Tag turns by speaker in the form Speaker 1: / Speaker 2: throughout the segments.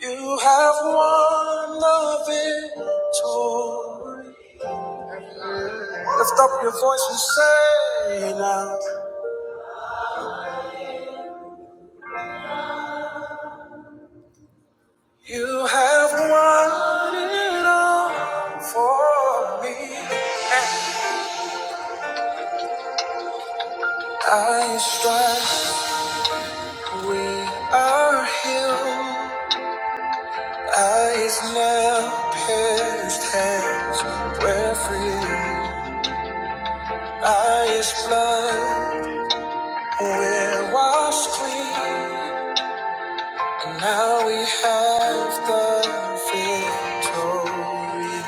Speaker 1: You have won the victory. Lift up your voice and say now. You have won it all for me. I strive, we are healed. Eyes now pierced, hands were free. Eyes blood, we're washed clean. And now we have the victory.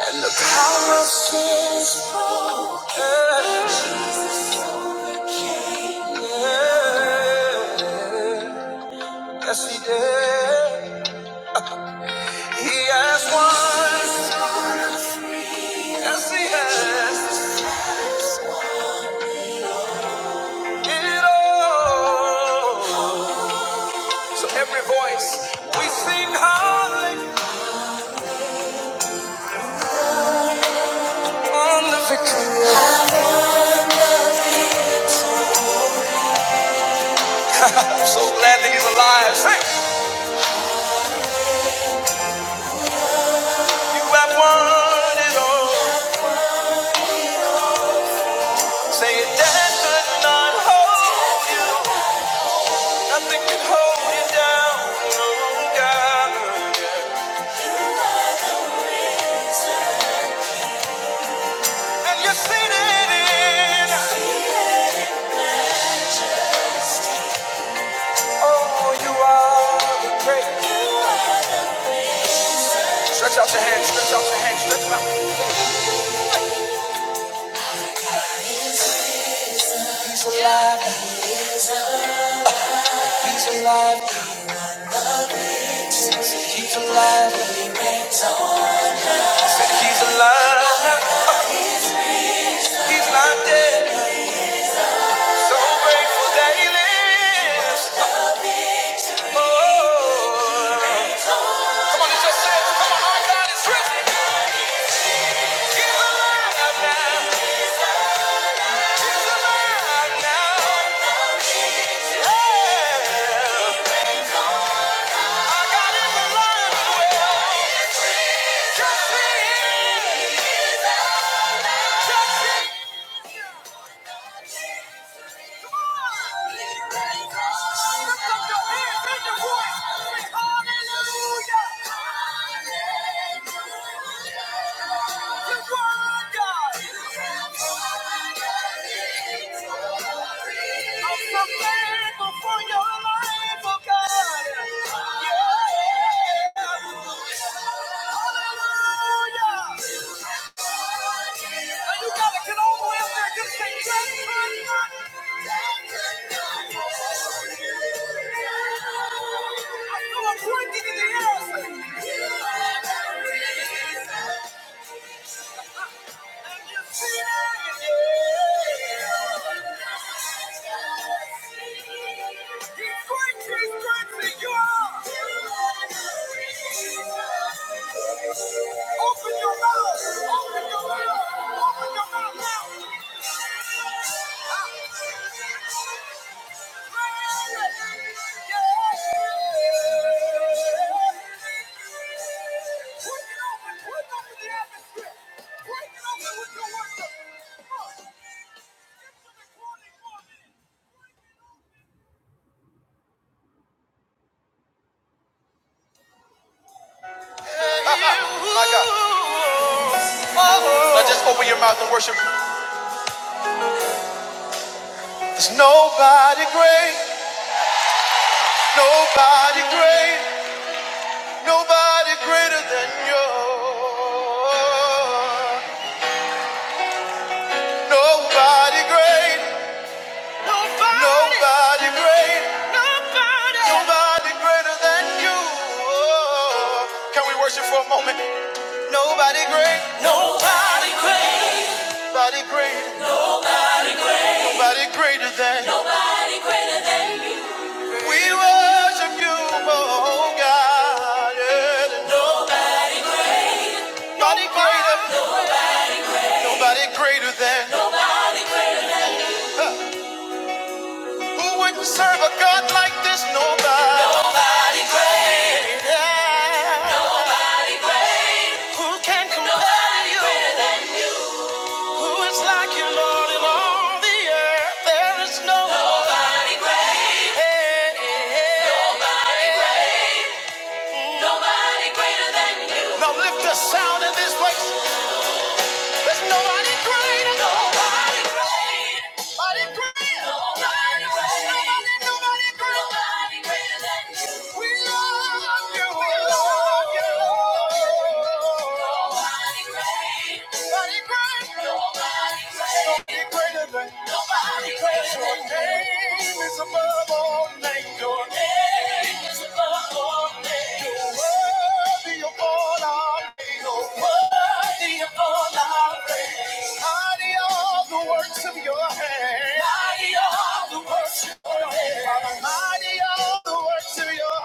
Speaker 1: And the power of sin is broken. Yeah. Yes, he did. He has won. Yes, he has. It all. So every voice, we sing hallelujah on the victory. I'm so glad that he's alive. Hey, you have won it all. Say your dad could not hold you. Nothing could hold you down. No, God. And you've seen it in. Oh, you are the great. Stretch out your hands, stretch out your hands, stretch them out. Say he's alive. He's not dead. So grateful that he lives. Oh. Come on, it's just say, it. come on, our God is risen. He's alive now. He's alive now. I'm so thankful for your Hallelujah. I feel a breaking in the air. Open your mouth! Open your mouth! Open your mouth now! Now just open your mouth and worship. There's nobody great, nobody great, nobody greater than you. Nobody great, nobody great, nobody greater than you. Oh, Can we worship for a moment? Nobody great, nobody great, nobody greater than Nobody greater than you. we worship you, oh God. yeah. Nobody greater, nobody greater than who would not serve a God like this? Nobody. Yeah. Who can compare to you? Who is like you, Lord, in all the earth? There is no nobody great. Hey, hey, hey. Nobody greater than you. Now lift the sound in this place. There's nobody great. Nobody great. Nobody great. Nobody great. Nobody, nobody great. Nobody greater than you. We love you. We love you. Nobody great. Nobody great. Nobody great. Nobody greater than. Nobody greater than. Your name is above. Your name is above all names. You're worthy of all. You're worthy of all our praise. Mighty are the words. Mighty are the words.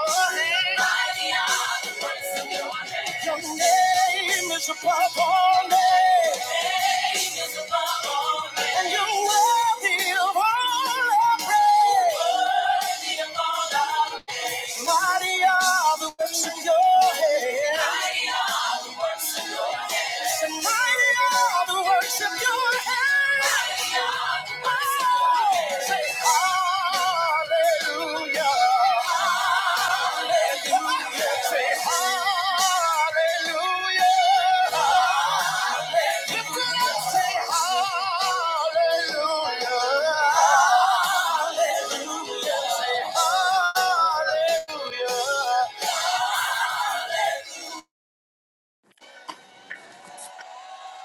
Speaker 1: Mighty, are the words of your name. Your name is all. over. Mighty are the words of your name.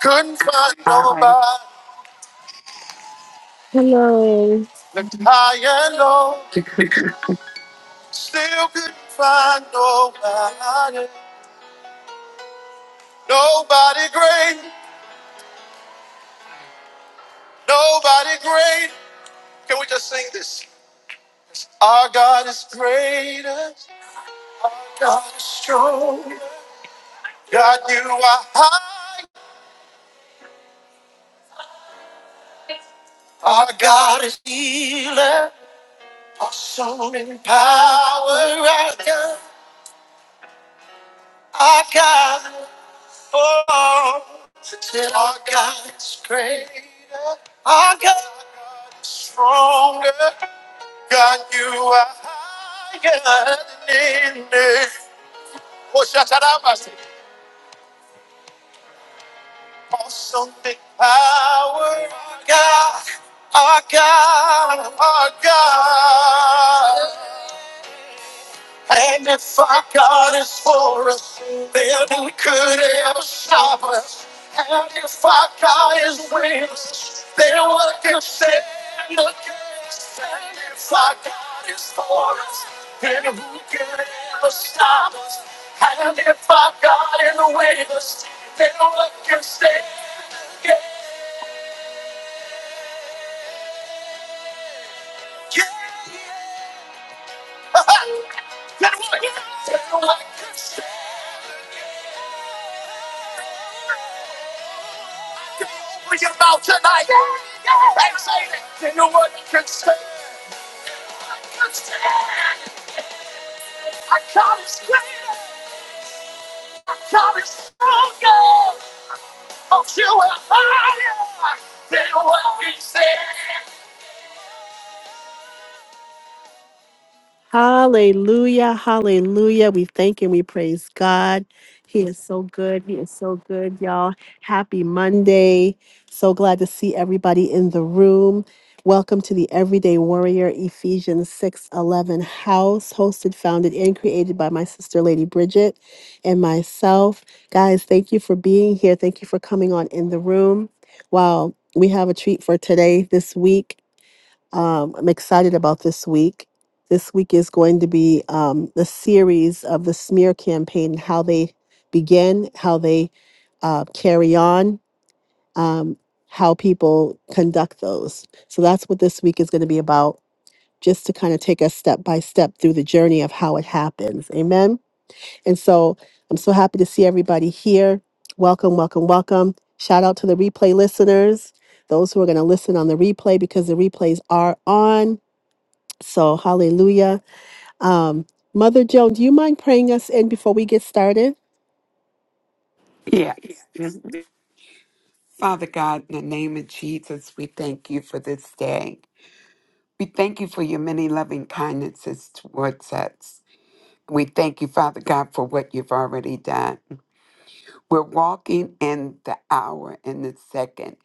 Speaker 1: Couldn't find
Speaker 2: All right.
Speaker 1: nobody, looked high and low, still couldn't find nobody. Nobody great, nobody great. Can we just sing this? Our God is greater, God is strong. God, you are high. Our God is healer. Awesome in power. Our God, our God, oh, till our God is greater. Our God is stronger. God, you are higher than any. Oh, shatarabas. Awesome in power. Our God, our God, our God. And if our God is for us, then who could ever stop us? And if our God is with us, then what can stand against? And if our God is for us, then who could ever stop us? And if our God is with us, then what can stand against? Yeah. Then what can stand with your mouth tonight and say that you know what you can say. I can stand. I come is greater. I come is stronger. Oh, you are higher than what he said. Hallelujah. Hallelujah. We thank and we praise God. He is so good. He is so good, y'all. Happy Monday. So glad to see everybody in the room. Welcome to the Everyday Warrior Ephesians 6:11 house, hosted, founded, and created by my sister Lady Bridget and myself. Guys, thank you for being here. Thank you for coming on in the room. Wow, we have a treat for today this week um, I'm excited about this week. This week is going to be um, the series of the smear campaign, how they begin, how they uh, carry on, um, how people conduct those. So that's what this week is going to be about, just to kind of take us step by step through the journey of how it happens. Amen. And so I'm so happy to see everybody here. Welcome, welcome, welcome. Shout out to the replay listeners, those who are going to listen on the replay because the replays are on. So, hallelujah. Um, Mother Joan, do you mind praying us in before we get started?
Speaker 2: yes. Father God, in the name of Jesus, we thank you for this day. We thank you for your many loving kindnesses towards us. We thank you, Father God, for what you've already done. We're walking in the hour, in the second,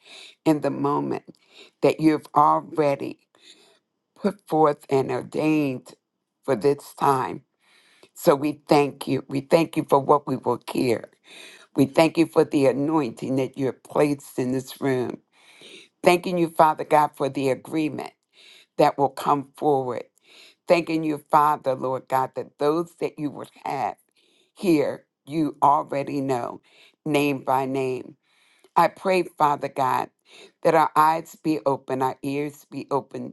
Speaker 2: in the moment that you've already put forth and ordained for this time. So we thank you. We thank you for what we will hear. We thank you for the anointing that you have placed in this room. Thanking you, Father God, for the agreement that will come forward. Thanking you, Father, Lord God, that those that you would have here, you already know, name by name. I pray, Father God, that our eyes be open, our ears be open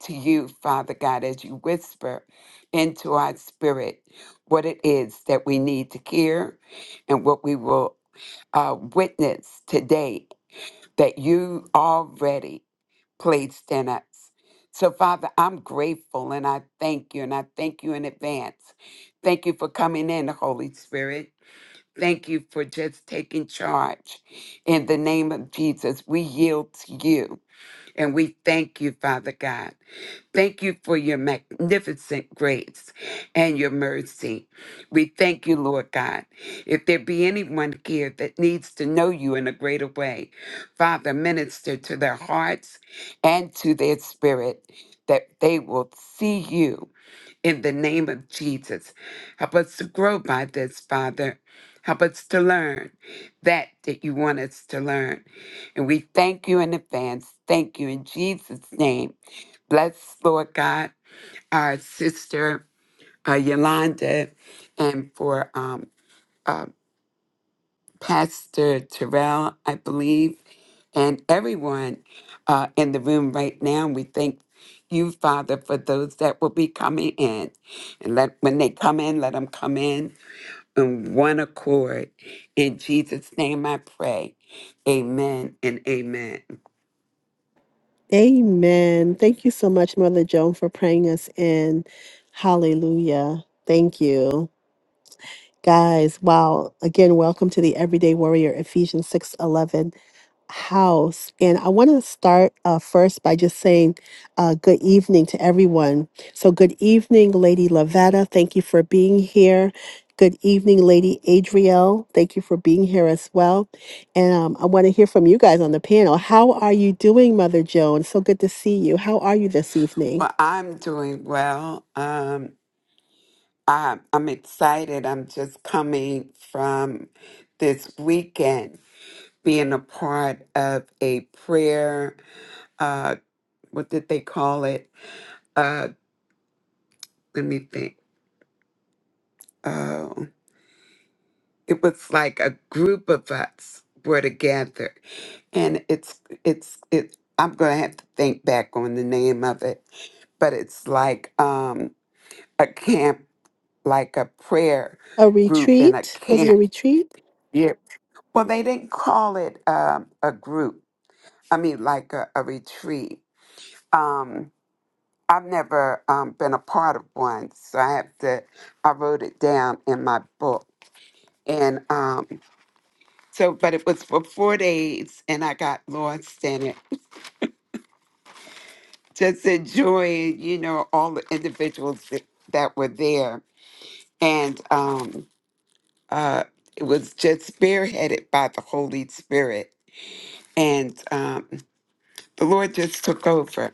Speaker 2: to you, Father God, as you whisper into our spirit what it is that we need to hear and what we will uh, witness today that you already placed in us. So, Father, I'm grateful and I thank you and I thank you in advance. Thank you for coming in, Holy Spirit. Thank you for just taking charge. In the name of Jesus, we yield to you and we thank you, Father God. Thank you for your magnificent grace and your mercy. We thank you, Lord God. If there be anyone here that needs to know you in a greater way, Father, minister to their hearts and to their spirit that they will see you in the name of Jesus. Help us to grow by this, Father. Help us to learn that that you want us to learn. And we thank you in advance. Thank you in Jesus' name. Bless, Lord God, our sister uh, Yolanda, and for um, uh, Pastor Terrell, I believe, and everyone uh, in the room right now. We thank you, Father, for those that will be coming in. And let when they come in, let them come in in one accord. In Jesus' name I pray. Amen and amen.
Speaker 1: Amen. Thank you so much, Mother Joan, for praying us in. Hallelujah. Thank you. Guys, wow. Again, welcome to the Everyday Warrior Ephesians 6:11 house. And I want to start uh, first by just saying uh, good evening to everyone. So, good evening, Lady Lavetta. Thank you for being here. Good evening, Lady Adriel. Thank you for being here as well. And um, I want to hear from you guys on the panel. How are you doing, Mother Joan? So good to see you. How are you this evening?
Speaker 2: Well, I'm doing well. Um, I'm, I'm excited. I'm just coming from this weekend being a part of a prayer uh, what did they call it? Uh, let me think. Oh, it was like a group of us were together, and it's it's it. I'm gonna have to think back on the name of it, but it's like um a camp, like a prayer
Speaker 1: A
Speaker 2: group in a
Speaker 1: retreat? Was it a
Speaker 2: camp.
Speaker 1: retreat?
Speaker 2: Yeah. Well, they didn't call it um, a group. I mean, like a, a retreat. Um, I've never um, been a part of one, so I have to. I wrote it down in my book, and um, so but it was for four days, and I got lost in it, just enjoying, you know, all the individuals that, that were there, and um, uh, it was just spearheaded by the Holy Spirit, and um, the Lord just took over.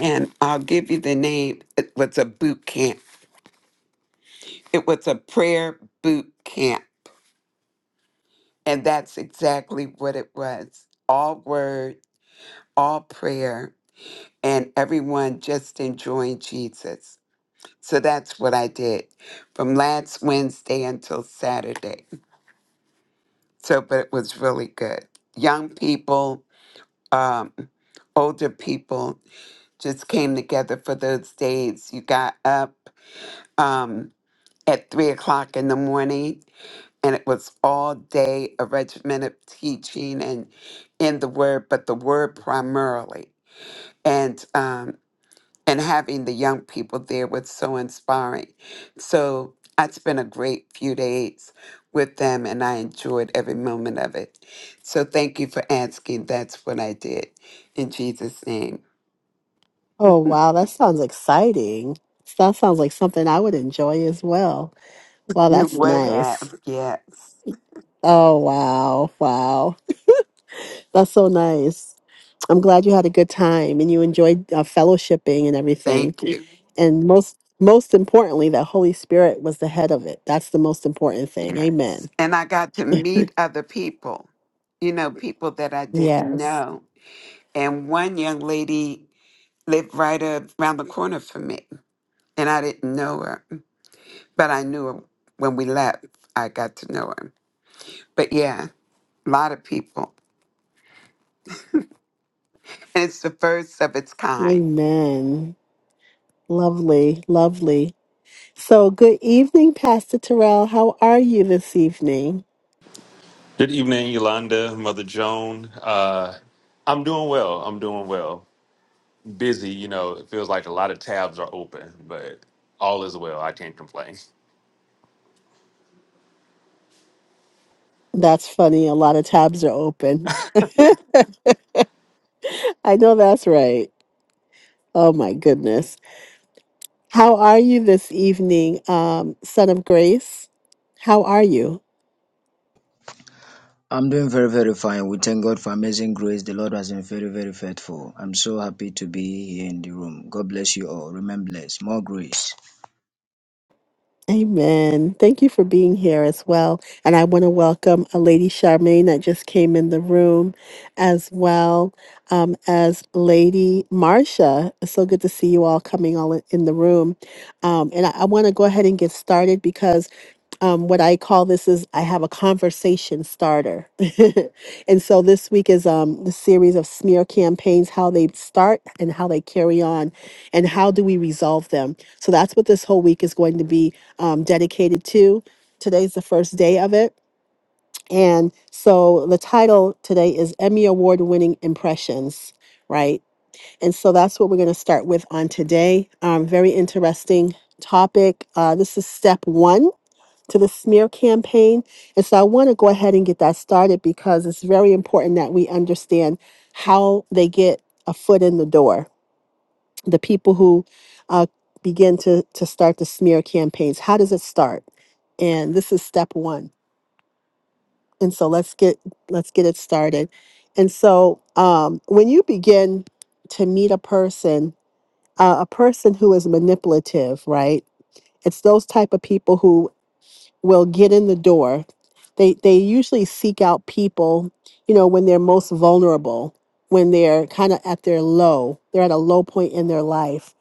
Speaker 2: And I'll give you the name. It was a boot camp. It was a prayer boot camp And that's exactly what it was all word, all prayer, and everyone just enjoying Jesus. So that's what I did from last Wednesday until Saturday. So, but it was really good. Young people, um, older people just came together for those days. You got up um, at three o'clock in the morning and it was all day a regimented teaching and in the word, but the word primarily. And um, and having the young people there was so inspiring. So I spent a great few days with them, and I enjoyed every moment of it. So thank you for asking. That's what I did. In Jesus' name,
Speaker 1: Oh, wow, that sounds exciting. That sounds like something I would enjoy as well. Wow,
Speaker 2: you
Speaker 1: that's
Speaker 2: would
Speaker 1: nice.
Speaker 2: have yes.
Speaker 1: Oh, wow, wow. That's so nice. I'm glad you had a good time and you enjoyed uh, fellowshipping and everything.
Speaker 2: Thank you.
Speaker 1: And most most importantly, that Holy Spirit was the head of it. That's the most important thing. Amen.
Speaker 2: Yes, and I got to meet other people. You know, people that I didn't
Speaker 1: Yes.
Speaker 2: know. And one young lady lived right up around the corner from me. And I didn't know her, but I knew her when we left. I got to know her. But yeah, a lot of people. And it's the first of its kind.
Speaker 1: Amen. Lovely, lovely. So, good evening, Pastor Terrell. How are you this evening?
Speaker 3: Good evening, Yolanda, Mother Joan. Uh, I'm doing well. I'm doing well. Busy, you know, it feels like a lot of tabs are open, but all is well. I can't complain.
Speaker 1: That's funny. A lot of tabs are open. I know that's right. Oh my goodness. How are you this evening, um, son of grace? How are you?
Speaker 4: I'm doing very, very fine. We thank God for amazing grace. The Lord has been very, very faithful. I'm so happy to be here in the room. God bless you all. Remain blessed. More grace.
Speaker 1: Amen. Thank you for being here as well. And I want to welcome a lady Charmaine that just came in the room as well. um, as Lady Marcia. It's so good to see you all coming all in in the room. Um, and I, I want to go ahead and get started because um, what I call this is I have a conversation starter. and so this week is um, the series of smear campaigns, how they start and how they carry on, and how do we resolve them. So that's what this whole week is going to be um, dedicated to. Today's the first day of it and so the title today is Emmy Award winning impressions, right? And so that's what we're going to start with on today. Um, very interesting topic. Uh, this is step one to the smear campaign. And so I want to go ahead and get that started because it's very important that we understand how they get a foot in the door. The people who uh, begin to, to start the smear campaigns, how does it start? And this is step one and so let's get let's get it started and so um, when you begin to meet a person uh, a person who is manipulative right it's those type of people who will get in the door they they usually seek out people you know when they're most vulnerable when they're kind of at their low they're at a low point in their life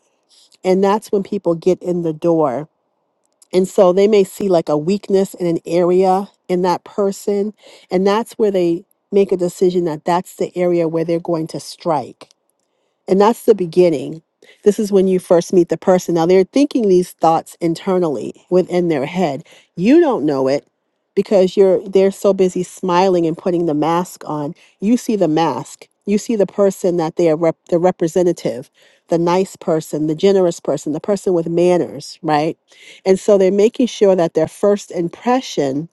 Speaker 1: and that's when people get in the door and so they may see like a weakness in an area in that person. And that's where they make a decision that that's the area where they're going to strike. And that's the beginning. This is when you first meet the person. Now they're thinking these thoughts internally within their head. You don't know it because you're they're so busy smiling and putting the mask on. You see the mask. You see the person that they are rep- the representative, the nice person, the generous person, the person with manners, right? And so they're making sure that their first impression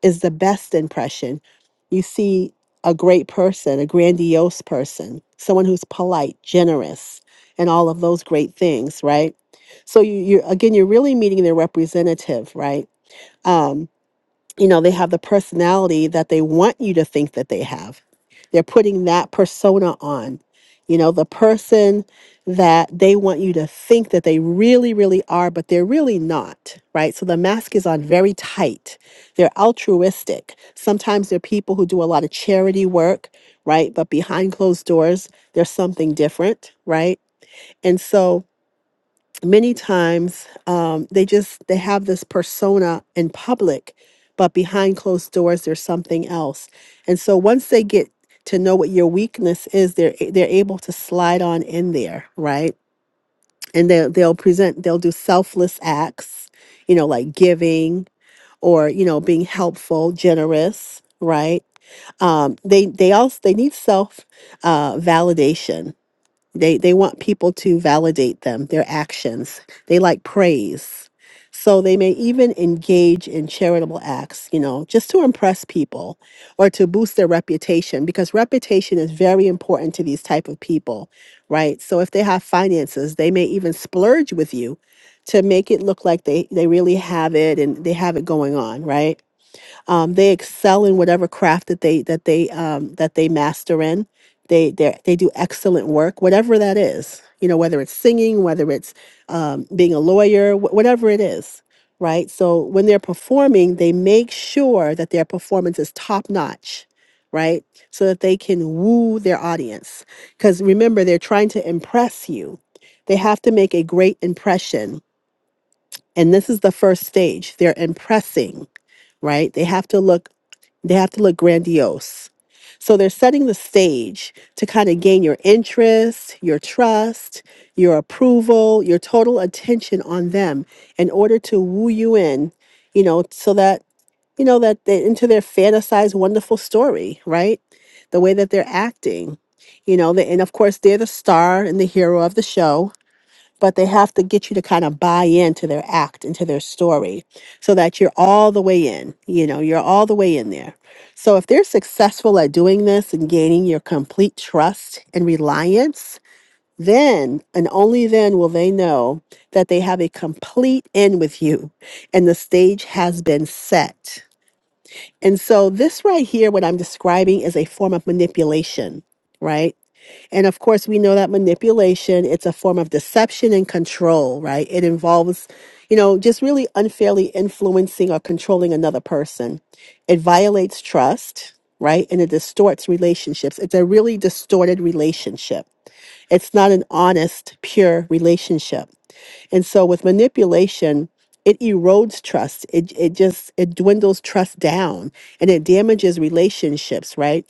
Speaker 1: is the best impression. You see a great person, a grandiose person, someone who's polite, generous, and all of those great things, right? So you, you're again, you're really meeting their representative, right? Um, you know, they have the personality that they want you to think that they have. They're putting that persona on, you know, the person that they want you to think that they really, really are, but they're really not, right? So the mask is on very tight. They're altruistic. Sometimes they're people who do a lot of charity work, right? But behind closed doors, there's something different, right? And so many times um, they just they have this persona in public but behind closed doors there's something else and so once they get to know what your weakness is they're a- they're able to slide on in there right and they, they'll present they'll do selfless acts you know like giving or you know being helpful generous right um they they also they need self uh validation they they want people to validate them, their actions. They like praise. So they may even engage in charitable acts, you know, just to impress people or to boost their reputation because reputation is very important to these type of people, right? So if they have finances, they may even splurge with you to make it look like they they really have it and they have it going on, right? Um, they excel in whatever craft that they that they um, that they master in. They they they do excellent work, whatever that is. You know, whether it's singing, whether it's um, being a lawyer, wh- whatever it is, right? So when they're performing, they make sure that their performance is top notch, right? So that they can woo their audience. Because remember, they're trying to impress you. They have to make a great impression. And this is the first stage. They're impressing, right? They have to look they have to look grandiose. So they're setting the stage to kind of gain your interest, your trust, your approval, your total attention on them in order to woo you in, you know, so that, you know, that they into their fantasized wonderful story, right? The way that they're acting, you know, the, and of course they're the star and the hero of the show but they have to get you to kind of buy into their act, into their story, so that you're all the way in. You know, you're all the way in there. So if they're successful at doing this and gaining your complete trust and reliance, then and only then will they know that they have a complete in with you and the stage has been set. And so, this right here, what I'm describing is a form of manipulation, right? And of course, we know that manipulation, it's a form of deception and control, right? It involves, you know, just really unfairly influencing or controlling another person. It violates trust, right? And it distorts relationships. It's a really distorted relationship. It's not an honest, pure relationship. And so with manipulation, it erodes trust. It, it just, it dwindles trust down and it damages relationships, right?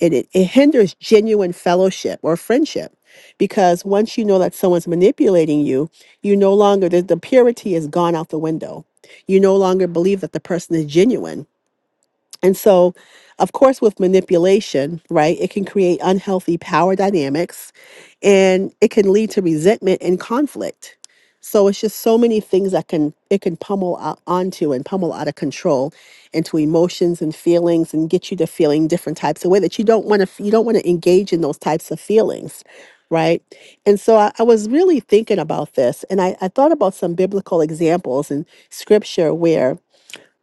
Speaker 1: And it, it hinders genuine fellowship or friendship because once you know that someone's manipulating you, you no longer, the, the purity is gone out the window. You no longer believe that the person is genuine and so, of course, with manipulation, right, it can create unhealthy power dynamics and it can lead to resentment and conflict. So it's just so many things that can it can pummel out onto and pummel out of control into emotions and feelings and get you to feeling different types of way that you don't want to you don't want to engage in those types of feelings, right? And so I, I was really thinking about this and I, I thought about some biblical examples in scripture where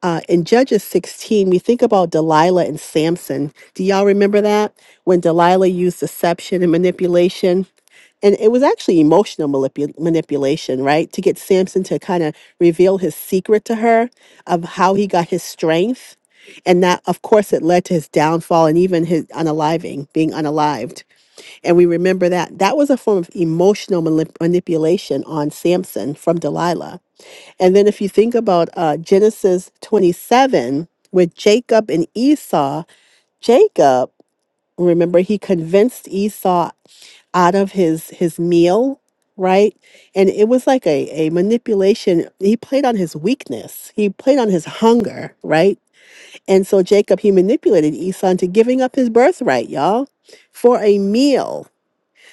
Speaker 1: uh, in Judges 16, we think about Delilah and Samson. Do y'all remember that? When Delilah used deception and manipulation. And it was actually emotional manipu- manipulation, right? To get Samson to kind of reveal his secret to her of how he got his strength. And that, of course, it led to his downfall and even his unaliving, being unalived. And we remember that. That was a form of emotional manip- manipulation on Samson from Delilah. And then if you think about uh, Genesis 27 with Jacob and Esau, Jacob, remember, he convinced Esau out of his his meal right and it was like a, a manipulation he played on his weakness he played on his hunger right and so jacob he manipulated esau into giving up his birthright y'all for a meal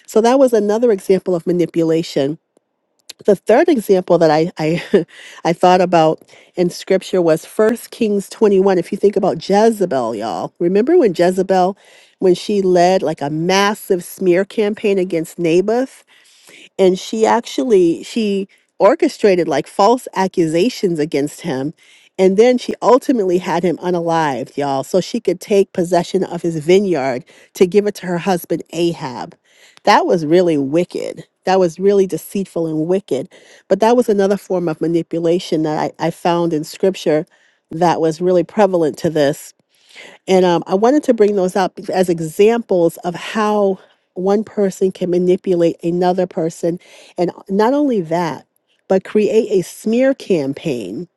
Speaker 1: so that was another example of manipulation the third example that I I, I thought about in scripture was First Kings 21. If you think about Jezebel, y'all, remember when Jezebel, when she led like a massive smear campaign against Naboth? and she actually she orchestrated like false accusations against him and then she ultimately had him unalived y'all so she could take possession of his vineyard to give it to her husband ahab that was really wicked that was really deceitful and wicked but that was another form of manipulation that i, I found in scripture that was really prevalent to this and um, I wanted to bring those up bec- as examples of how one person can manipulate another person. And uh, not only that, but create a smear campaign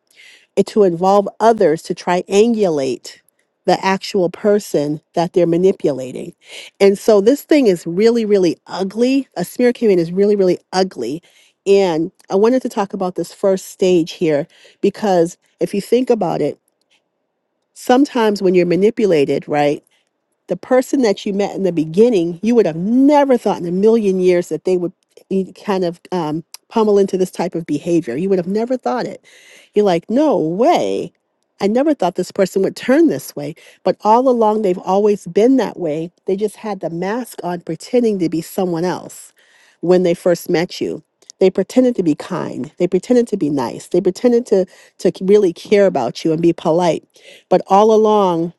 Speaker 1: and to involve others to triangulate the actual person that they're manipulating. And so this thing is really, really ugly. A smear campaign is really, really ugly. And I wanted to talk about this first stage here because if you think about it, sometimes when you're manipulated, right? the person that you met in the beginning, you would have never thought in a million years that they would e- kind of um, pummel into this type of behavior. You would have never thought it. You're like, no way. I never thought this person would turn this way. But all along, they've always been that way. They just had the mask on, pretending to be someone else when they first met you. They pretended to be kind. They pretended to be nice. They pretended to, to really care about you and be polite. But all along,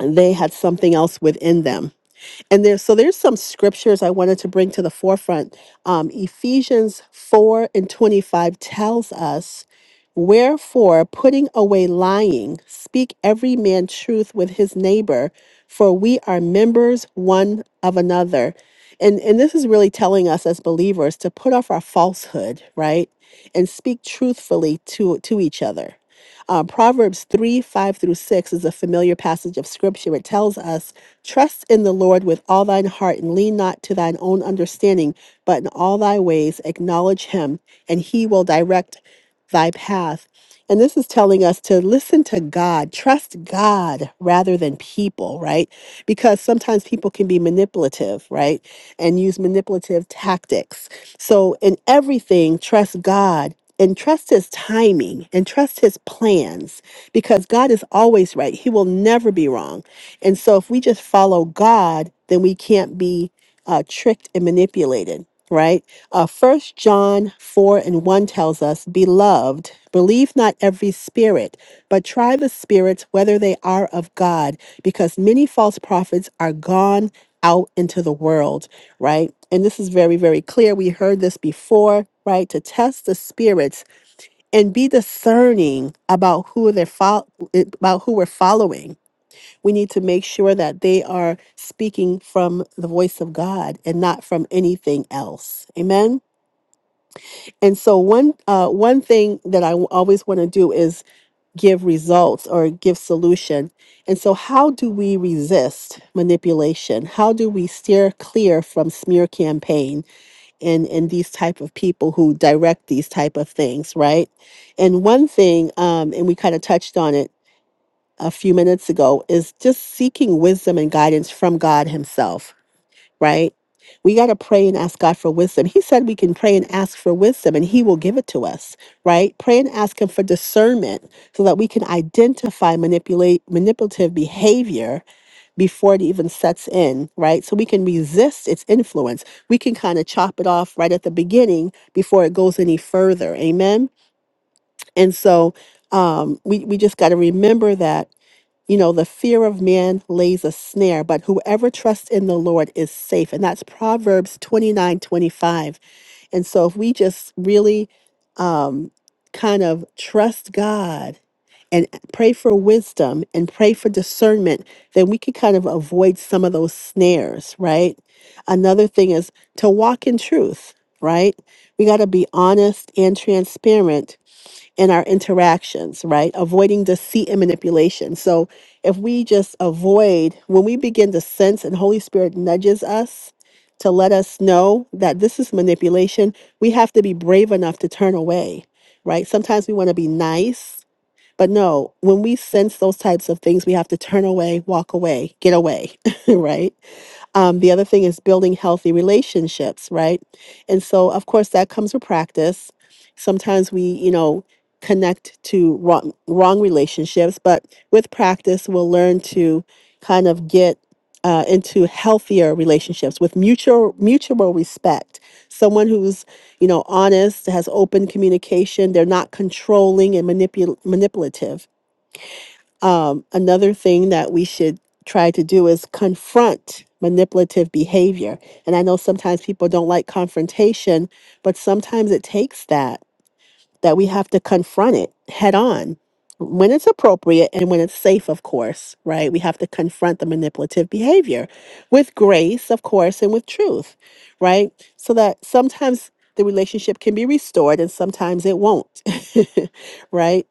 Speaker 1: they had something else within them and there's so there's some scriptures I wanted to bring to the forefront. Um, Ephesians 4 and 25 tells us, Wherefore, putting away lying, speak every man truth with his neighbor, for we are members one of another. And, and this is really telling us as believers to put off our falsehood, right? And speak truthfully to, to each other uh, Proverbs 3 5 through 6 is a familiar passage of scripture. It tells us, Trust in the Lord with all thine heart and lean not to thine own understanding, but in all thy ways acknowledge him, and he will direct thy path. And this is telling us to listen to God, trust God rather than people, right? Because sometimes people can be manipulative, right? And use manipulative tactics. So in everything, trust God and trust his timing and trust his plans because God is always right. He will never be wrong. And so if we just follow God, then we can't be uh, tricked and manipulated, right? Uh, 1 John 4 and 1 tells us, Beloved, believe not every spirit, but try the spirits whether they are of God, because many false prophets are gone out into the world, right? And this is very, very clear. We heard this before, right? To test the spirits and be discerning about who they're fol- about who we're following. We need to make sure that they are speaking from the voice of God and not from anything else. Amen. And so one uh, one thing that I always want to do is give results or give solution. And so how do we resist manipulation? How do we steer clear from smear campaign and and these type of people who direct these type of things, right? And one thing um and we kind of touched on it a few minutes ago is just seeking wisdom and guidance from God himself right? We got to pray and ask God for wisdom. He said we can pray and ask for wisdom and He will give it to us, right? Pray and ask Him for discernment so that we can identify manipulate, manipulative behavior before it even sets in, right? So we can resist its influence. We can kind of chop it off right at the beginning before it goes any further. Amen. And so um, we, we just got to remember that you know, the fear of man lays a snare, but whoever trusts in the Lord is safe. And that's Proverbs 29 25. And so if we just really kind of trust God and pray for wisdom and pray for discernment, then we can kind of avoid some of those snares, right? Another thing is to walk in truth, right? We got to be honest and transparent in our interactions, right? Avoiding deceit and manipulation. So if we just avoid, when we begin to sense and Holy Spirit nudges us to let us know that this is manipulation, we have to be brave enough to turn away, right? Sometimes we want to be nice but no, when we sense those types of things, we have to turn away, walk away, get away, right? Um, the other thing is building healthy relationships, right? And so, of course, that comes with practice. Sometimes we, you know, connect to wrong, wrong relationships, but with practice, we'll learn to kind of get uh, into healthier relationships with mutual mutual respect. Someone who's you know honest, has open communication. They're not controlling and manipul- manipulative. Um, another thing that we should try to do is confront manipulative behavior. And I know sometimes people don't like confrontation, but sometimes it takes that that we have to confront it head on when it's appropriate and when it's safe, of course, right? We have to confront the manipulative behavior with grace, of course, and with truth, right? So that sometimes the relationship can be restored and sometimes it won't, right?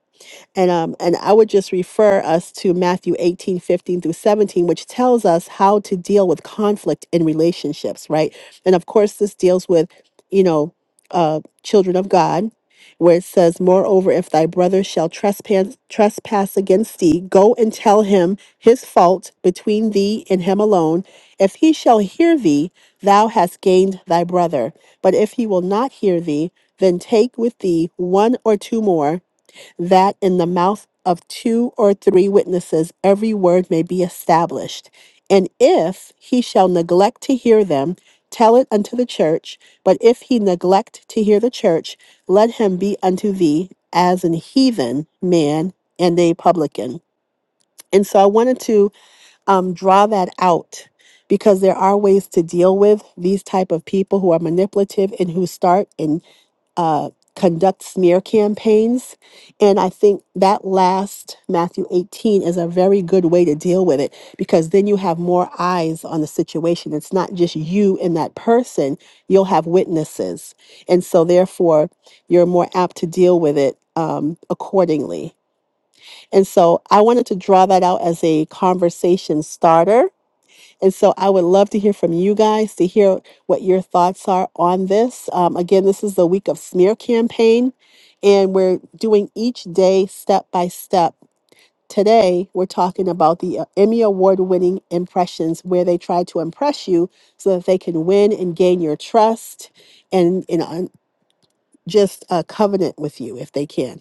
Speaker 1: And um, and I would just refer us to Matthew 18 15 through 17, which tells us how to deal with conflict in relationships, right? And of course, this deals with, you know, uh, children of God, where it says, Moreover, if thy brother shall trespass trespass against thee, go and tell him his fault between thee and him alone. If he shall hear thee, thou hast gained thy brother. But if he will not hear thee, then take with thee one or two more that in the mouth of two or three witnesses every word may be established. And if he shall neglect to hear them, tell it unto the church. But if he neglect to hear the church, let him be unto thee as an heathen man and a publican. And so I wanted to um, draw that out because there are ways to deal with these type of people who are manipulative and who start and uh, conduct smear campaigns. And I think that last Matthew 18 is a very good way to deal with it because then you have more eyes on the situation. It's not just you and that person, you'll have witnesses. And so, therefore, you're more apt to deal with it um, accordingly. And so I wanted to draw that out as a conversation starter. And so I would love to hear from you guys to hear what your thoughts are on this. Um, again, this is the week of smear campaign, and we're doing each day step by step. Today, we're talking about the uh, Emmy Award winning impressions, where they try to impress you so that they can win and gain your trust and, and uh, just a covenant with you if they can.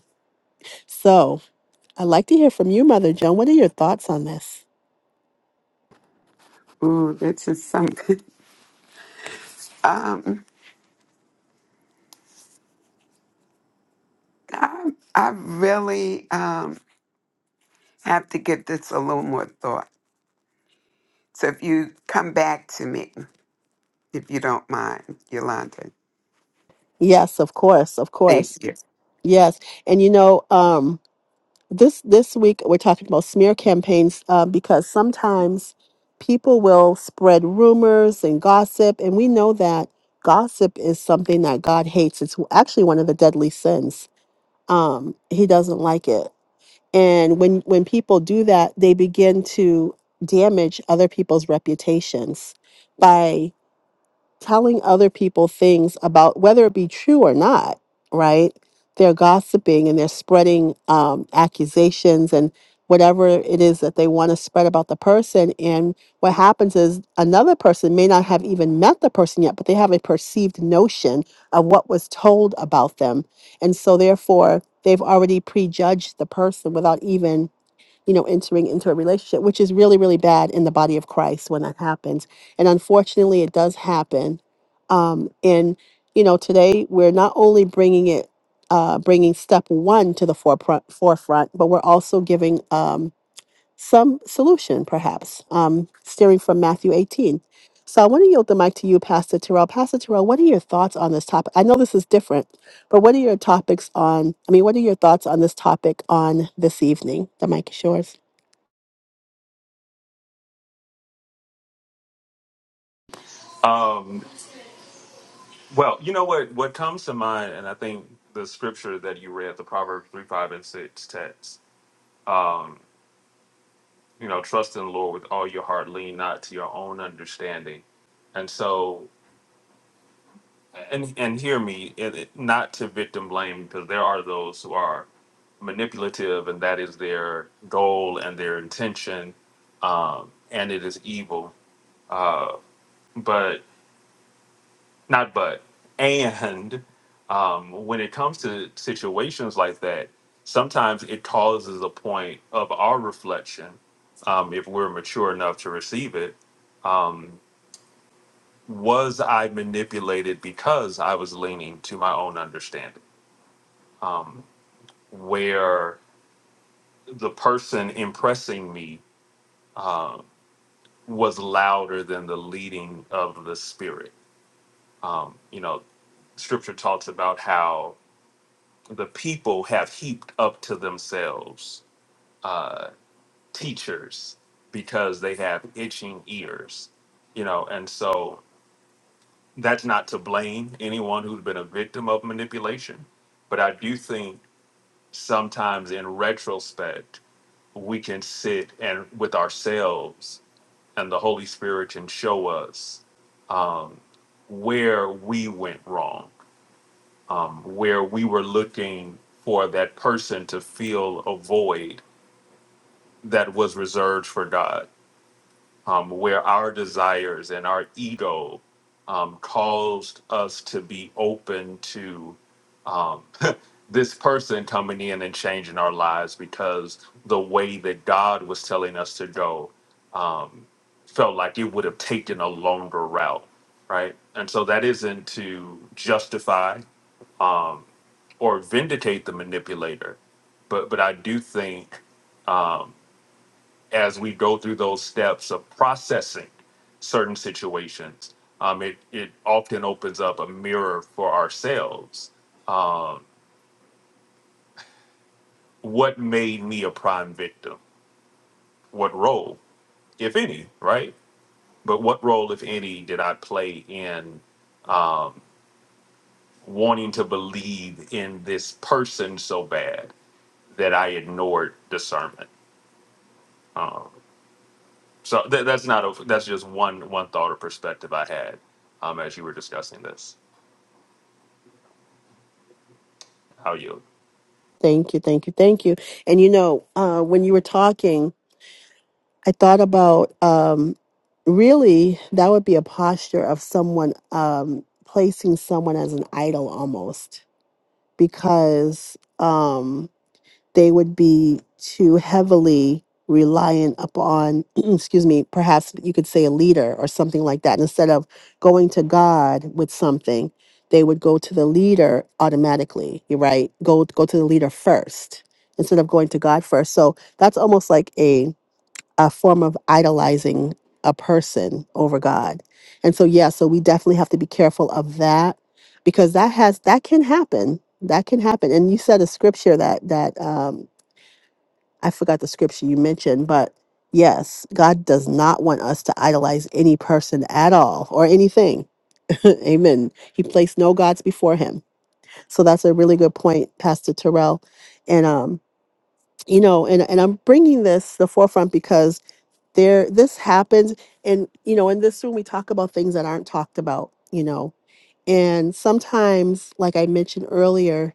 Speaker 1: So I'd like to hear from you, Mother Joan. What are your thoughts on this?
Speaker 2: Ooh, this is something. Um, I, I really um, have to give this a little more thought. So if you come back to me, if you don't mind, Yolanda.
Speaker 1: Yes, of course, of
Speaker 2: Thank
Speaker 1: course.
Speaker 2: you.
Speaker 1: Yes, and you know, um, this this week we're talking about smear campaigns uh, because sometimes people will spread rumors and gossip, and we know that gossip is something that God hates. It's actually one of the deadly sins. Um, he doesn't like it, and when when people do that, they begin to damage other people's reputations by telling other people things about whether it be true or not, right? They're gossiping and they're spreading um, accusations and whatever it is that they want to spread about the person. And what happens is another person may not have even met the person yet, but they have a perceived notion of what was told about them. And so, therefore, they've already prejudged the person without even you know, entering into a relationship, which is really, really bad in the body of Christ when that happens. And unfortunately, it does happen. Um, and, you know, today we're not only bringing it, uh, bringing step one to the forefront, forefront but we're also giving um, some solution, perhaps, um, steering from Matthew 18. So I want to yield the mic to you, Pastor Terrell. Pastor Terrell, what are your thoughts on this topic? I know this is different, but what are your topics on, I mean, what are your thoughts on this topic on this evening? The mic is yours.
Speaker 3: Um, well, you know what? What comes to mind, and I think the scripture that you read, the Proverbs 3, 5, and 6 text, um, you know, trust in the Lord with all your heart, lean not to your own understanding. And so and and hear me it, it- not to victim blame because there are those who are manipulative and that is their goal and their intention um and it is evil uh but not but and um when it comes to situations like that sometimes it causes a point of our reflection um if we're mature enough to receive it um was i manipulated because i was leaning to my own understanding um, where the person impressing me uh, was louder than the leading of the spirit. Um, you know, scripture talks about how the people have heaped up to themselves uh, teachers because they have itching ears, you know, and so that's not to blame anyone who's been a victim of manipulation. But I do think sometimes in retrospect, we can sit and with ourselves and the Holy Spirit can show us um, where we went wrong, um, where we were looking for that person to fill a void that was reserved for God, um, where our desires and our ego um, caused us to be open to um, this person coming in and changing our lives because the way that God was telling us to go um, felt like it would have taken a longer route, right? And so that isn't to justify or vindicate the manipulator, but but I do think as we go through those steps of processing certain situations, um, it it often opens up a mirror for ourselves. What made me a prime victim? What role? if any, right? But what role, if any, did I play in wanting to believe in this person so bad that I ignored discernment? So tha- that's not a, that's just one one thought or perspective I had um, as you were discussing this. How you?
Speaker 1: Thank you, thank you, thank you. And you know, uh, when you were talking, I thought about um, really that would be a posture of someone um, placing someone as an idol almost, because. Um, they would be too heavily reliant upon, excuse me, perhaps you could say a leader or something like that. And instead of going to God with something, they would go to the leader automatically, you're right? Go go to the leader first instead of going to God first. So that's almost like a a form of idolizing a person over God. And so yeah, so we definitely have to be careful of that because that has that can happen. That can happen. And you said a scripture that that um I forgot the scripture you mentioned, but yes, God does not want us to idolize any person at all or anything. Amen. He placed no gods before him. So that's a really good point, Pastor Terrell. And um, you know, and and I'm bringing this to the forefront because there this happens and you know, in this room we talk about things that aren't talked about, you know. And sometimes, like I mentioned earlier,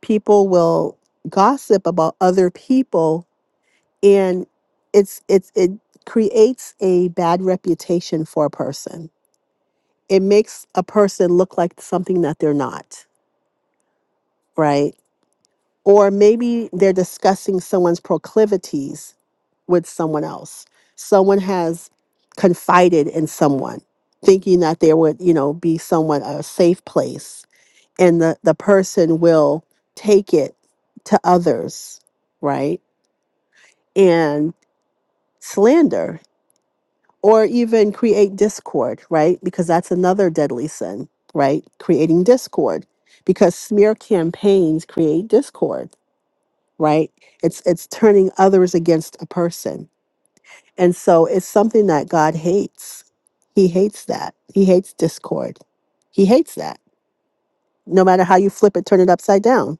Speaker 1: people will gossip about other people and it's it's it creates a bad reputation for a person it makes a person look like something that they're not right or maybe they're discussing someone's proclivities with someone else someone has confided in someone thinking that there would you know be someone a safe place and the the person will take it to others right and slander or even create discord, right? Because that's another deadly sin, right? Creating discord because smear campaigns create discord, right? It's it's turning others against a person. And so it's something that God hates. He hates that. He hates discord. He hates that. No matter how you flip it, turn it upside down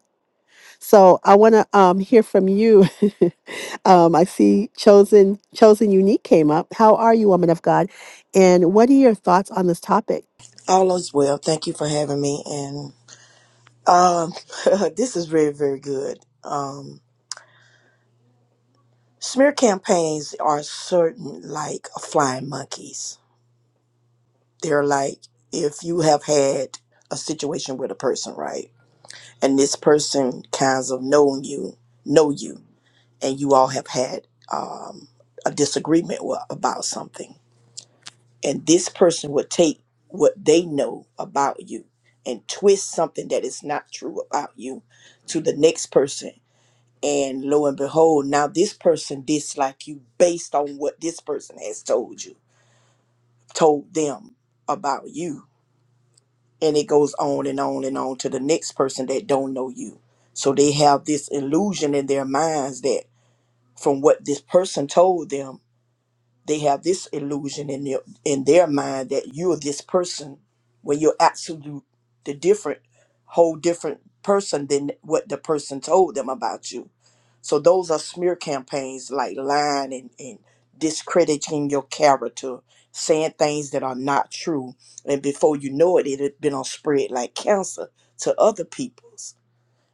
Speaker 1: So I want to um, hear from you. um, I see chosen chosen unique came up. How are you, woman of God? And what are your thoughts on this topic?
Speaker 5: All is well. Thank you for having me. And um, this is very, very good. Um, smear campaigns are certain like flying monkeys. They're like if you have had a situation with a person, right? And this person kinds of known you, know you, and you all have had um, a disagreement wa- about something and this person would take what they know about you and twist something that is not true about you to the next person and lo and behold now this person dislike you based on what this person has told you told them about you and it goes on and on and on to the next person that don't know you so they have this illusion in their minds that from what this person told them they have this illusion in their in their mind that you're this person when you're absolute the different whole different person than what the person told them about you so those are smear campaigns like lying and, and discrediting your character saying things that are not true and before you know it it had been on spread like cancer to other peoples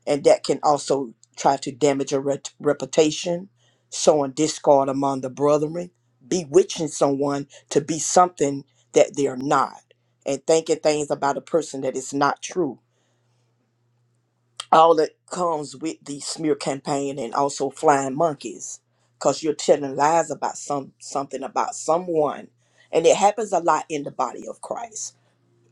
Speaker 5: and that can also try to damage a ret- reputation, sowing discord among the brethren, bewitching someone to be something that they're not, and thinking things about a person that is not true. All that comes with the smear campaign and also flying monkeys, because you're telling lies about some something about someone, and it happens a lot in the body of Christ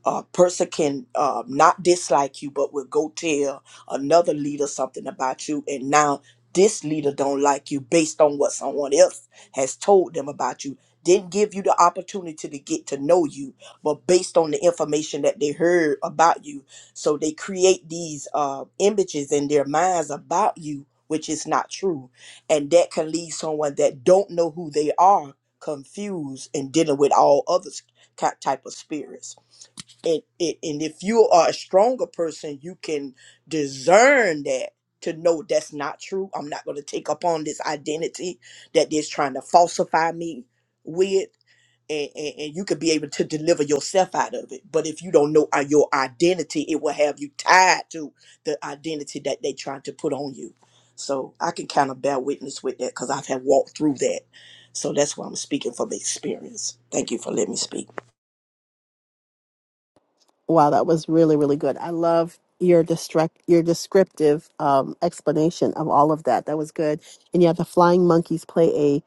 Speaker 5: a person can uh, not dislike you but will go tell another leader something about you and now this leader don't like you based on what someone else has told them about you didn't give you the opportunity to get to know you but based on the information that they heard about you so they create these uh, images in their minds about you which is not true and that can leave someone that don't know who they are confused and dealing with all other s- ki- type of spirits and, and and if you are a stronger person you can discern that to know that's not true i'm not going to take up on this identity that they're trying to falsify me with and, and, and you could be able to deliver yourself out of it but if you don't know uh, your identity it will have you tied to the identity that they trying to put on you so i can kind of bear witness with that because i've had walked through that so that's why i'm speaking from experience thank you for letting me speak
Speaker 1: Wow, that was really really good. I love your distract your descriptive um, explanation of all of that. That was good. And yeah, the flying monkeys play a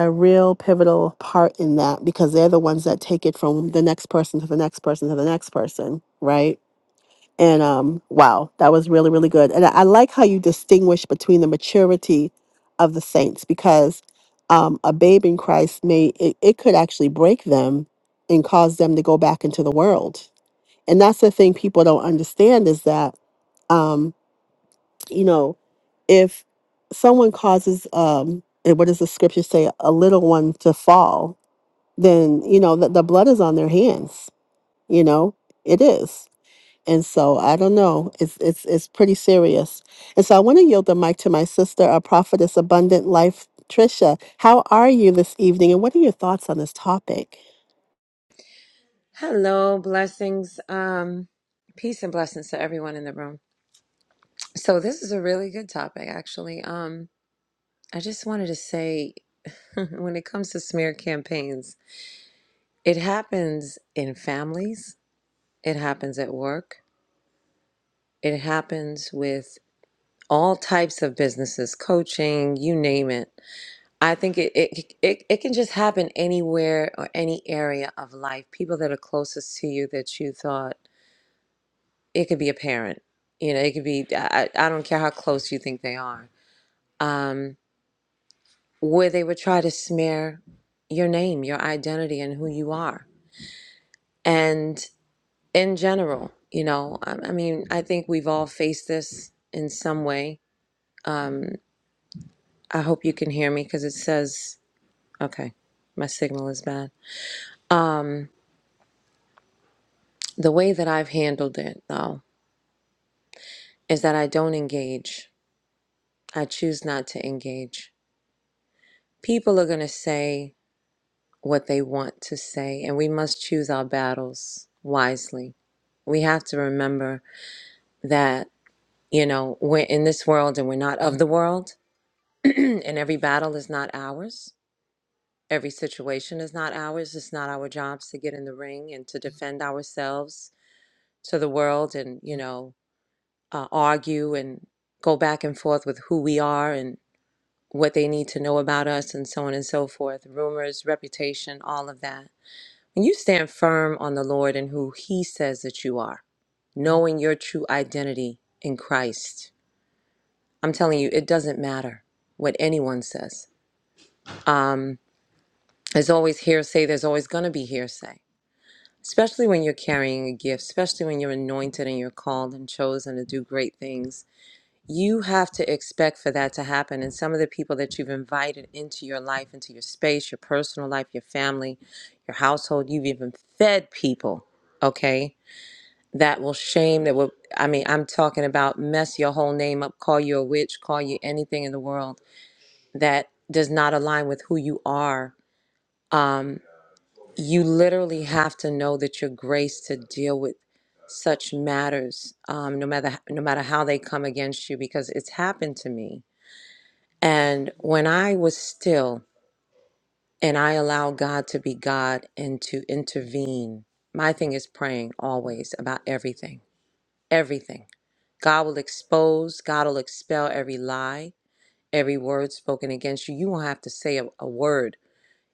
Speaker 1: a real pivotal part in that because they're the ones that take it from the next person to the next person to the next person, right? And um, wow, that was really, really good. And I, I like how you distinguish between the maturity of the saints because um, a babe in Christ may, it, it could actually break them and cause them to go back into the world. And that's the thing people don't understand is that, um, you know, if someone causes, um, eh, what does the scripture say, a little one to fall, then, you know, the, the blood is on their hands, you know, it is. And so I don't know. It's it's it's pretty serious. And so I want to yield the mic to my sister, a prophetess, abundant life, Trisha. How are you this evening? And what are your thoughts on this topic?
Speaker 6: Hello, blessings. Um, peace and blessings to everyone in the room. So this is a really good topic, actually. Um, I just wanted to say, when it comes to smear campaigns, it happens in families, it happens at work, it happens with all types of businesses, coaching, you name it. I think it it it, it can just happen anywhere or any area of life. People that are closest to you that you thought. it could be a parent you know it could be i, I don't care how close you think they are um, where they would try to smear your name your identity and who you are and in general you know i, I mean i think we've all faced this in some way um, i hope you can hear me because it says okay my signal is bad um, the way that i've handled it though is that i don't engage i choose not to engage people are going to say what they want to say, and we must choose our battles wisely. We have to remember that, you know, we're in this world and we're not of the world, and every battle is not ours. Every situation is not ours. It's not our jobs to get in the ring and to defend ourselves to the world and, you know, uh, argue and go back and forth with who we are and what they need to know about us and so on and so forth. Rumors, reputation, all of that And you stand firm on the Lord and who He says that you are, knowing your true identity in Christ. I'm telling you, it doesn't matter what anyone says. Um, there's always hearsay, there's always going to be hearsay, especially when you're carrying a gift, especially when you're anointed and you're called and chosen to do great things. You have to expect for that to happen. And some of the people that you've invited into your life, into your space, your personal life, your family, your household, you've even fed people, okay? that will shame that will i mean i'm talking about mess your whole name up call you a witch call you anything in the world that does not align with who you are um, you literally have to know that you're graced to deal with such matters um, no matter no matter how they come against you because it's happened to me and when i was still and i allow god to be god and to intervene my thing is praying always about everything Everything. God will expose, God will expel every lie, every word spoken against you. You won't have to say a, a word.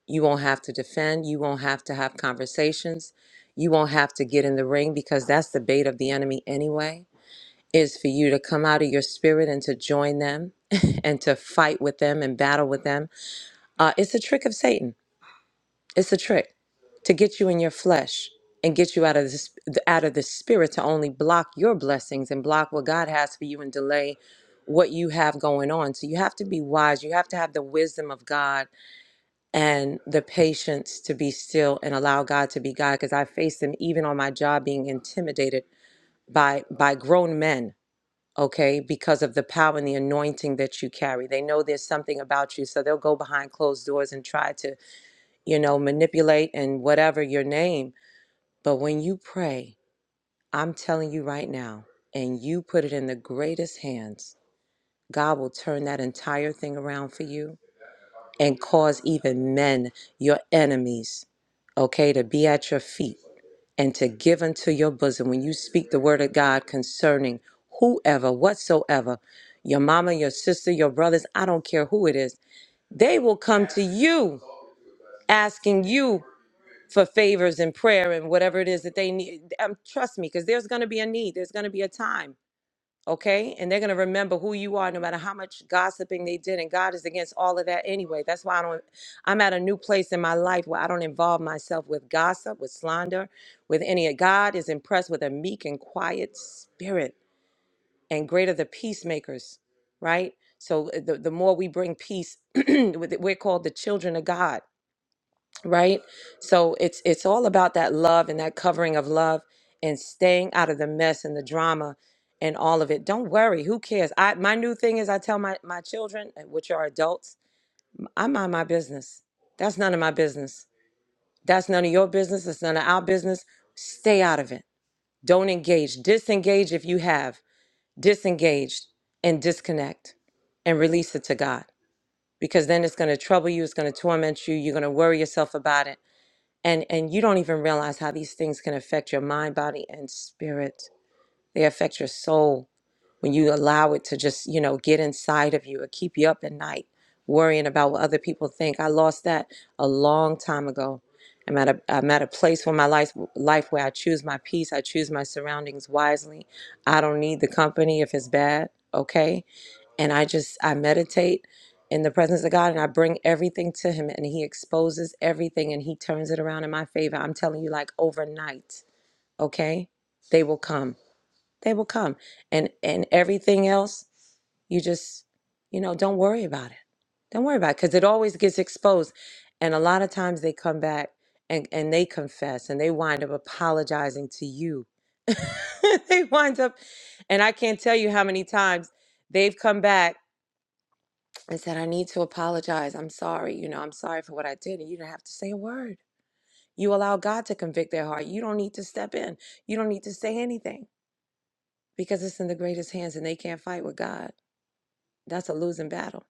Speaker 6: You won't have to defend. You won't have to have conversations. You won't have to get in the ring because that's the bait of the enemy anyway, is for you to come out of your spirit and to join them and to fight with them and battle with them. Uh, it's a trick of Satan. It's a trick to get you in your flesh and get you out of this out of the spirit to only block your blessings and block what God has for you and delay what you have going on. So you have to be wise. You have to have the wisdom of God and the patience to be still and allow God to be God because I faced them even on my job being intimidated by by grown men, okay? Because of the power and the anointing that you carry. They know there's something about you, so they'll go behind closed doors and try to you know, manipulate and whatever your name. But when you pray, I'm telling you right now, and you put it in the greatest hands, God will turn that entire thing around for you and cause even men, your enemies, okay, to be at your feet and to give unto your bosom when you speak the word of God concerning whoever, whatsoever, your mama, your sister, your brothers, I don't care who it is, they will come to you asking you for favors and prayer and whatever it is that they need. Um, trust me, because there's going to be a need. There's going to be a time, okay? And they're going to remember who you are, no matter how much gossiping they did. And God is against all of that anyway. That's why I don't. I'm at a new place in my life where I don't involve myself with gossip, with slander, with any. of God is impressed with a meek and quiet spirit, and greater the peacemakers, right? So uh, the, the more we bring peace, with we're called the children of God right so it's it's all about that love and that covering of love and staying out of the mess and the drama and all of it don't worry who cares i my new thing is i tell my my children uh, which are adults i mind my business that's none of my business that's none of your business it's none of our business stay out of it don't engage disengage if you have disengaged and disconnect and release it to god because then it's going to trouble you it's going to torment you you're going to worry yourself about it and and you don't even realize how these things can affect your mind body and spirit they affect your soul when you allow it to just you know get inside of you or keep you up at night worrying about what other people think i lost that a long time ago i'm at a i'm at a place where my life life where i choose my peace i choose my surroundings wisely i don't need the company if it's bad okay and I just I meditate in the presence of God and I bring everything to him and he exposes everything and he turns it around in my favor. I'm telling you like overnight, okay? They will come. They will come. And and everything else, you just you know, don't worry about it. Don't worry about it cuz it always gets exposed. And a lot of times they come back and and they confess and they wind up apologizing to you. they wind up and I can't tell you how many times they've come back and said, I need to apologize. I'm sorry. You know, I'm sorry for what I did. And you didn't have to say a word. You allow God to convict their heart. You don't need to step in. You don't need to say anything because it's in the greatest hands and they can't fight with God. That's a losing battle.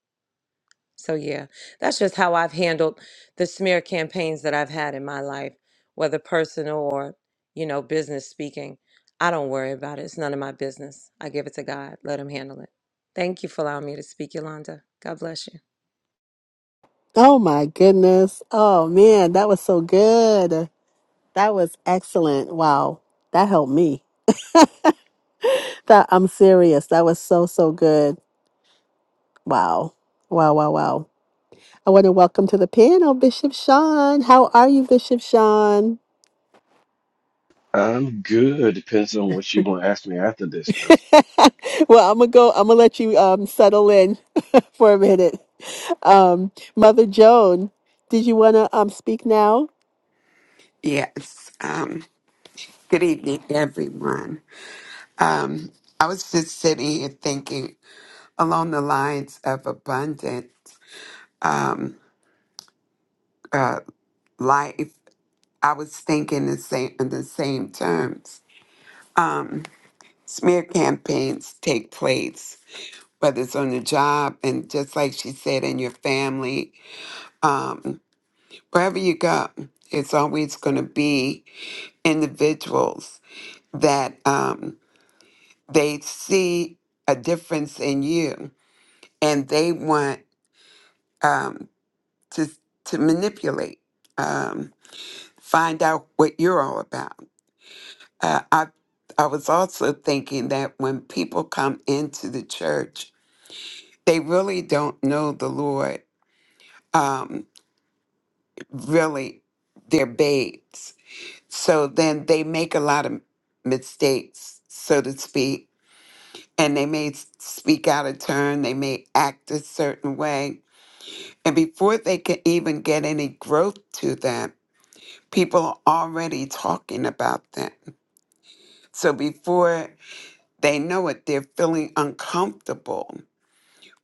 Speaker 6: So, yeah, that's just how I've handled the smear campaigns that I've had in my life, whether personal or, you know, business speaking. I don't worry about it. It's none of my business. I give it to God. Let Him handle it. Thank you for allowing me to speak, Yolanda. God bless you.
Speaker 1: Oh my goodness. Oh man, that was so good. That was excellent. Wow. That helped me. That I'm serious. That was so so good. Wow. Wow, wow, wow. I want to welcome to the panel Bishop Sean. How are you, Bishop Sean?
Speaker 7: I'm good. Depends on what you gonna ask me after this, though.
Speaker 1: well, I'm gonna go. I'm gonna let you um, settle in for a minute. Um, Mother Joan, did you wanna um, speak now?
Speaker 2: Yes. Um, good evening, everyone. Um, I was just sitting here thinking along the lines of abundant um, uh, life. I was thinking the same in the same terms. Um, smear campaigns take place, whether it's on the job and just like she said, in your family, um, wherever you go, it's always going to be individuals that um, they see a difference in you and they want. Um, to to manipulate, um, find out what you're all about. Uh, I I was also thinking that when people come into the church, they really don't know the Lord. Um, really, they're babes. So then they make a lot of mistakes, so to speak, and they may s- speak out of turn. They may act a certain way, and before they can even get any growth to them People are already talking about that. So before they know it, they're feeling uncomfortable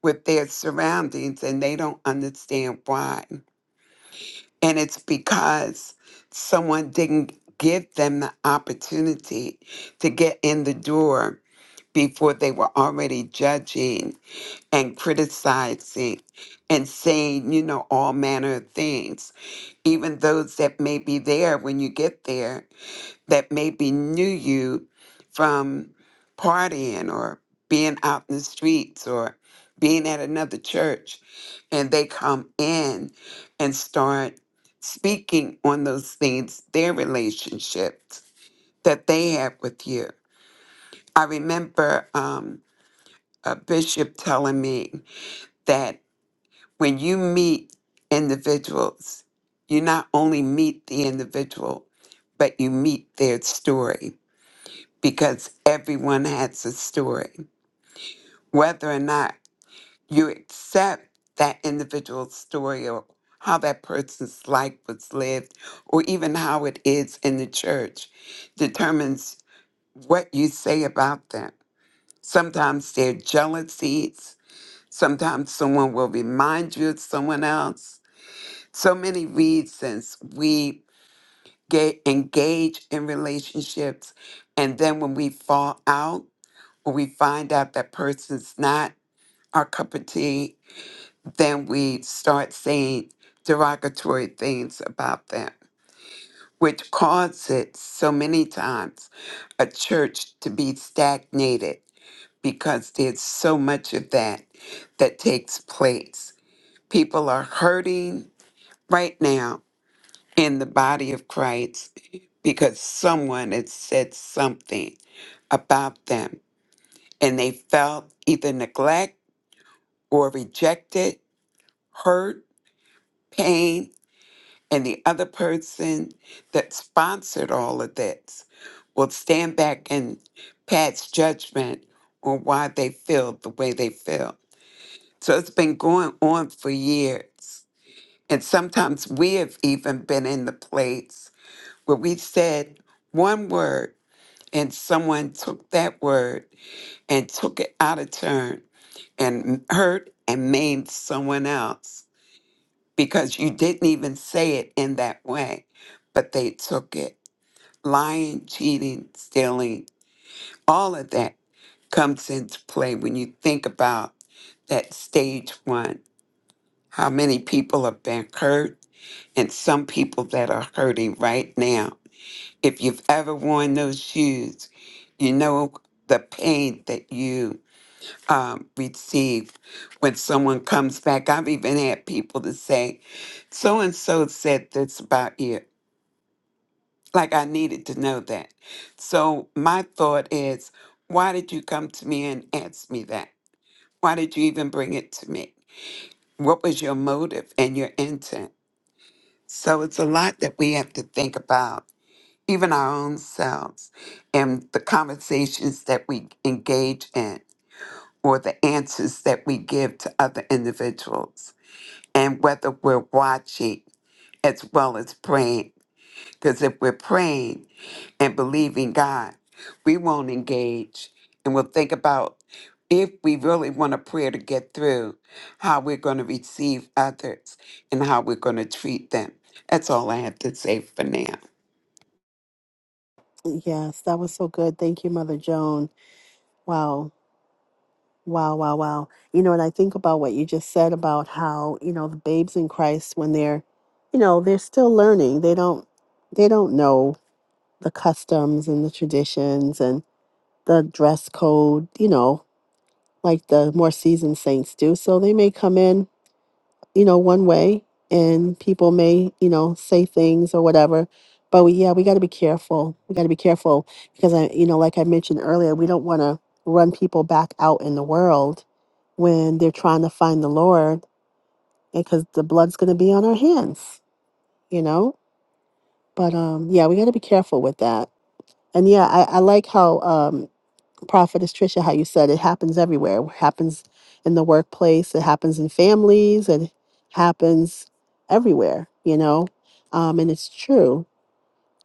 Speaker 2: with their surroundings and they don't understand why. And it's because someone didn't give them the opportunity to get in the door before they were already judging and criticizing and saying, you know, all manner of things even those that may be there when you get there that maybe knew you from partying or being out in the streets or being at another church and they come in and start speaking on those things their relationships that they have with you i remember um, a bishop telling me that when you meet individuals you not only meet the individual but you meet their story because everyone has a story. Whether or not you accept that individual story or how that person's life was lived or even how it is in the church determines what you say about them. Sometimes they're jealousies. Sometimes someone will remind you of someone else. So many reasons we get engaged in relationships and then when we fall out we find out that person's not our cup of tea, then we start saying derogatory things about them, which causes so many times a church to be stagnated because there's so much of that that takes place. People are hurting right now in the body of Christ because someone has said something about them and they felt either neglected or rejected, hurt, pain, and the other person that sponsored all of this will stand back and pass judgment on why they feel the way they feel. So it's been going on for years. And sometimes we have even been in the place where we said one word and someone took that word and took it out of turn and hurt and maimed someone else because you didn't even say it in that way, but they took it. Lying, cheating, stealing, all of that comes into play when you think about that stage one, how many people have been hurt, and some people that are hurting right now. If you've ever worn those shoes, you know the pain that you um, receive when someone comes back. I've even had people to say, so and so said this about you. Like I needed to know that. So my thought is, why did you come to me and ask me that? Why did you even bring it to me? What was your motive and your intent? So it's a lot that we have to think about, even our own selves and the conversations that we engage in or the answers that we give to other individuals. and whether we're watching as well as praying. Because if we're praying and believing God, we won't engage and we'll think about if we really want a prayer to get through, how we're going to receive others and how we're going to treat them. That's all I have to say for now.
Speaker 1: Yes, that was so good. Thank you, Mother Joan. Wow, wow, wow, wow. You know, and I think about what you just said about how you know the babes in Christ when they're, you know, they're still learning. They don't, they don't know the customs and the traditions and the dress code. You know, like the more seasoned saints do. So they may come in you know, one way and people may, you know, say things or whatever. But we, yeah, we got to be careful. We got to be careful because I, you know, like I mentioned earlier, we don't want to run people back out in the world when they're trying to find the Lord because the blood's going to be on our hands, you know? But um yeah, we got to be careful with that. And yeah, I, I like how um prophetess Tricia, how you said it happens everywhere. It happens in the workplace. It happens in families. It happens everywhere. You know, um, and it's true.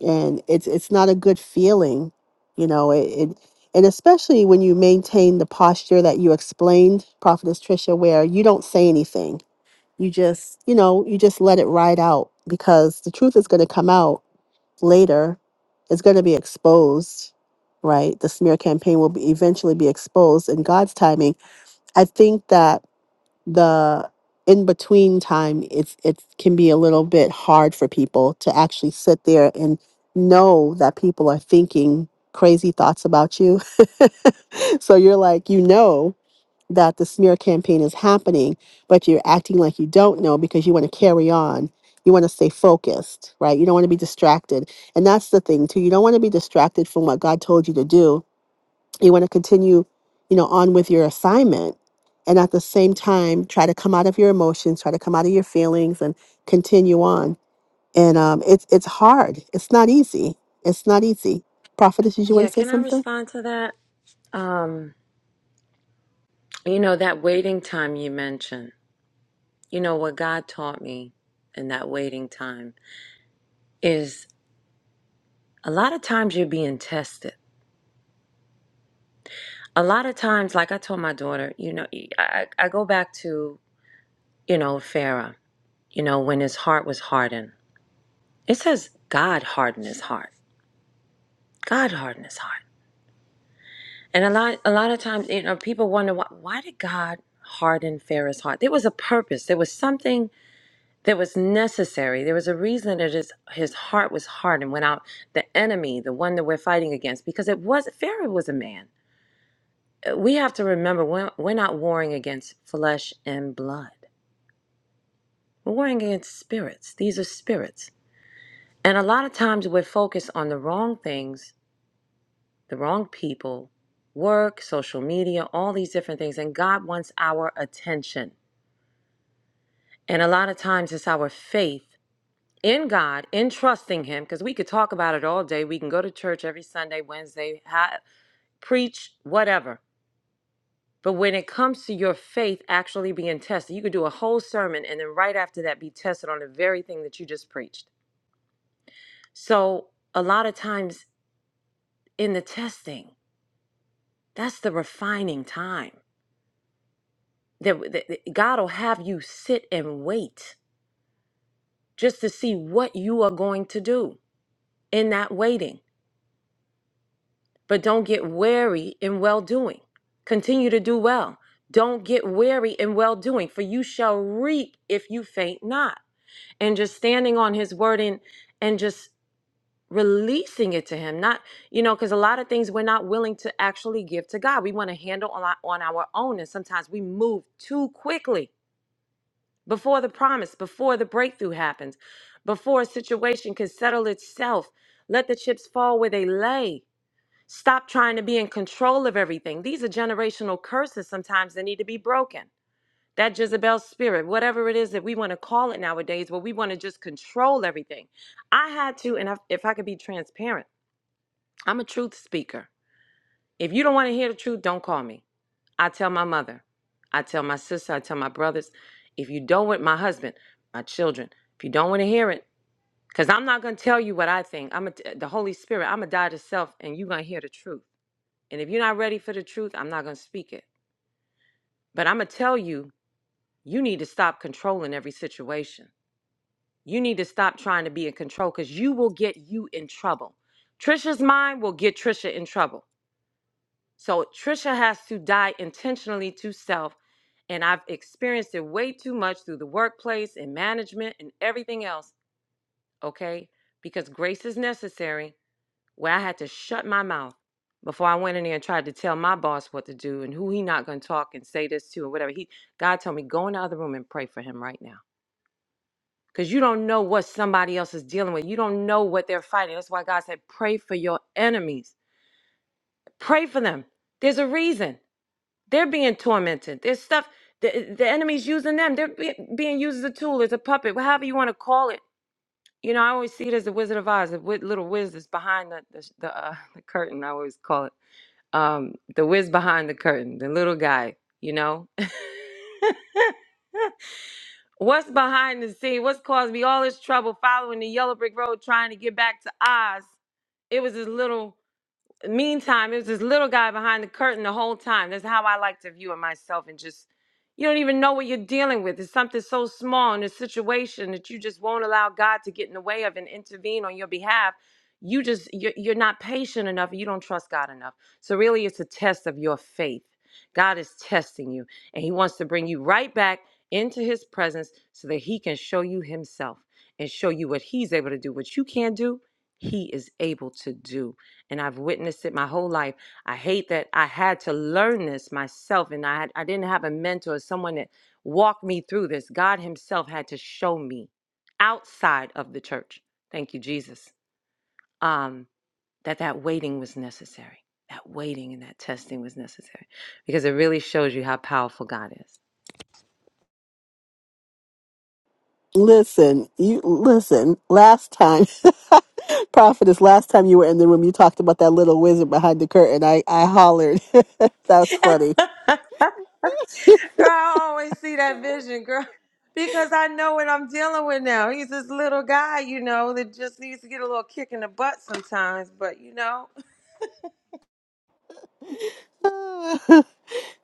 Speaker 1: And it's it's not a good feeling. You know, it, it and especially when you maintain the posture that you explained, prophetess Tricia, where you don't say anything. You just you know you just let it ride out because the truth is going to come out later is going to be exposed, right? The smear campaign will be eventually be exposed in God's timing. I think that the in between time it's it can be a little bit hard for people to actually sit there and know that people are thinking crazy thoughts about you. so you're like, you know, that the smear campaign is happening, but you're acting like you don't know because you want to carry on. You want to stay focused, right? You don't want to be distracted. And that's the thing, too. You don't want to be distracted from what God told you to do. You want to continue, you know, on with your assignment. And at the same time, try to come out of your emotions, try to come out of your feelings and continue on. And um, it's it's hard. It's not easy. It's not easy. Prophetess, did you want
Speaker 6: Yeah,
Speaker 1: to say
Speaker 6: can I
Speaker 1: something?
Speaker 6: respond to that? Um, you know, that waiting time you mentioned, you know, what God taught me in that waiting time is a lot of times you're being tested. A lot of times, like I told my daughter, you know, e, I, I go back to, you know, Pharaoh, you know, when his heart was hardened. It says God hardened his heart. God hardened his heart. And a lot, a lot of times, you know, people wonder why, why did God harden Pharaoh's heart? There was a purpose. There was something that was necessary. There was a reason that his, his heart was hard and went out the enemy, the one that we're fighting against, because it was Pharaoh was a man. Uh, We have to remember we're, we're not warring against flesh and blood. We're warring against spirits. These are spirits. And a lot of times we're focused on the wrong things, the wrong people, work, social media, all these different things. And God wants our attention. And a lot of times it's our faith in God, in trusting Him, because we could talk about it all day. We can go to church every Sunday, Wednesday, ha- preach, whatever. But when it comes to your faith actually being tested, you could do a whole sermon and then right after that be tested on the very thing that you just preached. So a lot of times in the testing, that's the refining time that, that that God will have you sit and wait just to see what you are going to do in that waiting. But don't get weary in well doing. Continue to do well. Don't get weary in well doing, for you shall reap if you faint not. And just standing on his word and and just releasing it to him. Not, you know, because a lot of things we're not willing to actually give to God. We want to handle a lot on our own. And sometimes we move too quickly before the promise, before the breakthrough happens, before a situation can settle itself. Let the chips fall where they lay Stop trying to be in control of everything. These are generational curses sometimes that need to be broken. That Jezebel spirit, whatever it is that we want to call it nowadays, where we want to just control everything. I had to, and I, if I could be transparent, I'm a truth speaker. If you don't want to hear the truth, don't call me. I tell my mother, I tell my sister, I tell my brothers. If you don't want my husband, my children, if you don't want to hear it, because I'm not going to tell you what I think. I'm a, the Holy Spirit. I'm going to die to self, and you're going to hear the truth. And if you're not ready for the truth, I'm not going to speak it. But I'm going to tell you, you need to stop controlling every situation. You need to stop trying to be in control because you will get you in trouble. Trisha's mind will get Trisha in trouble. So Trisha has to die intentionally to self. And I've experienced it way too much through the workplace and management and everything else, okay? Because grace is necessary where I had to shut my mouth before I went in there and tried to tell my boss what to do and who he not going to talk and say this to or whatever. He God told me go in the other room and pray for him right now because you don't know what somebody else is dealing with. You don't know what they're fighting. That's why God said pray for your enemies. Pray for them. There's a reason they're being tormented. There's stuff the the enemy's using them. They're be, being used as a tool, as a puppet, however you want to call it. You know, I always see it as the Wizard of Oz, the wi- little wizards behind the the, sh- the, uh, the curtain. I always call it Um, the whiz behind the curtain, the little guy, you know? What's behind the scene? What's caused me all this trouble following the yellow brick road trying to get back to Oz? It was this little meantime, there's this little guy behind the curtain the whole time. That's how I like to view it myself and just you don't even know what you're dealing with. It's something so small in a situation that you just won't allow God to get in the way of and intervene on your behalf. You just you're, you're not patient enough. You don't trust God enough. So really, it's a test of your faith. God is testing you, and He wants to bring you right back into His presence so that He can show you Himself and show you what He's able to do. What you can't do, He is able to do and I've witnessed it my whole life. I hate that I had to learn this myself, and I had, I didn't have a mentor or someone that walked me through this. God Himself had to show me outside of the church. Thank you, Jesus. Um, that that waiting was necessary. That waiting and that testing was necessary because it really shows you how powerful God
Speaker 1: Listen, you listen. Last time, prophetess, last time you were in the room, you talked about that little wizard behind the curtain. I I hollered. That's
Speaker 6: is.
Speaker 1: funny.
Speaker 6: Girl, I always see that vision, girl, because I know what I'm dealing with now. He's this little guy, you know, that just needs to get a little kick in the butt sometimes. But you know,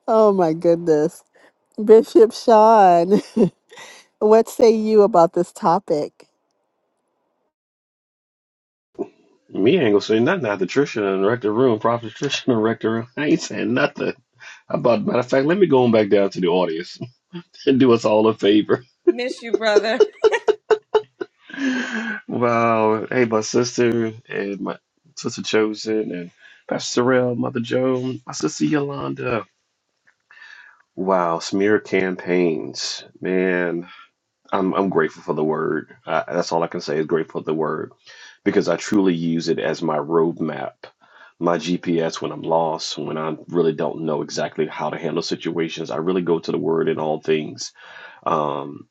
Speaker 1: oh my goodness, Bishop Sean, what say you about this topic?
Speaker 7: Me ain't gonna say nothing after Trisha and wreck the room. Prophet Trisha and wreck the room. I ain't saying nothing. About matter of fact, let me go on back down to the audience and do us all a favor.
Speaker 6: miss you, brother.
Speaker 7: Wow. Hey, my sister and my sister Chosen and Pastor Sorrell, Mother Joan, my sister Yolanda. Wow, smear campaigns, man. I'm I'm grateful for the word. Uh, that's all I can say is grateful for the word because I truly use it as my roadmap, my GPS when I'm lost, when I really don't know exactly how to handle situations. I really go to the Word in all things. Um,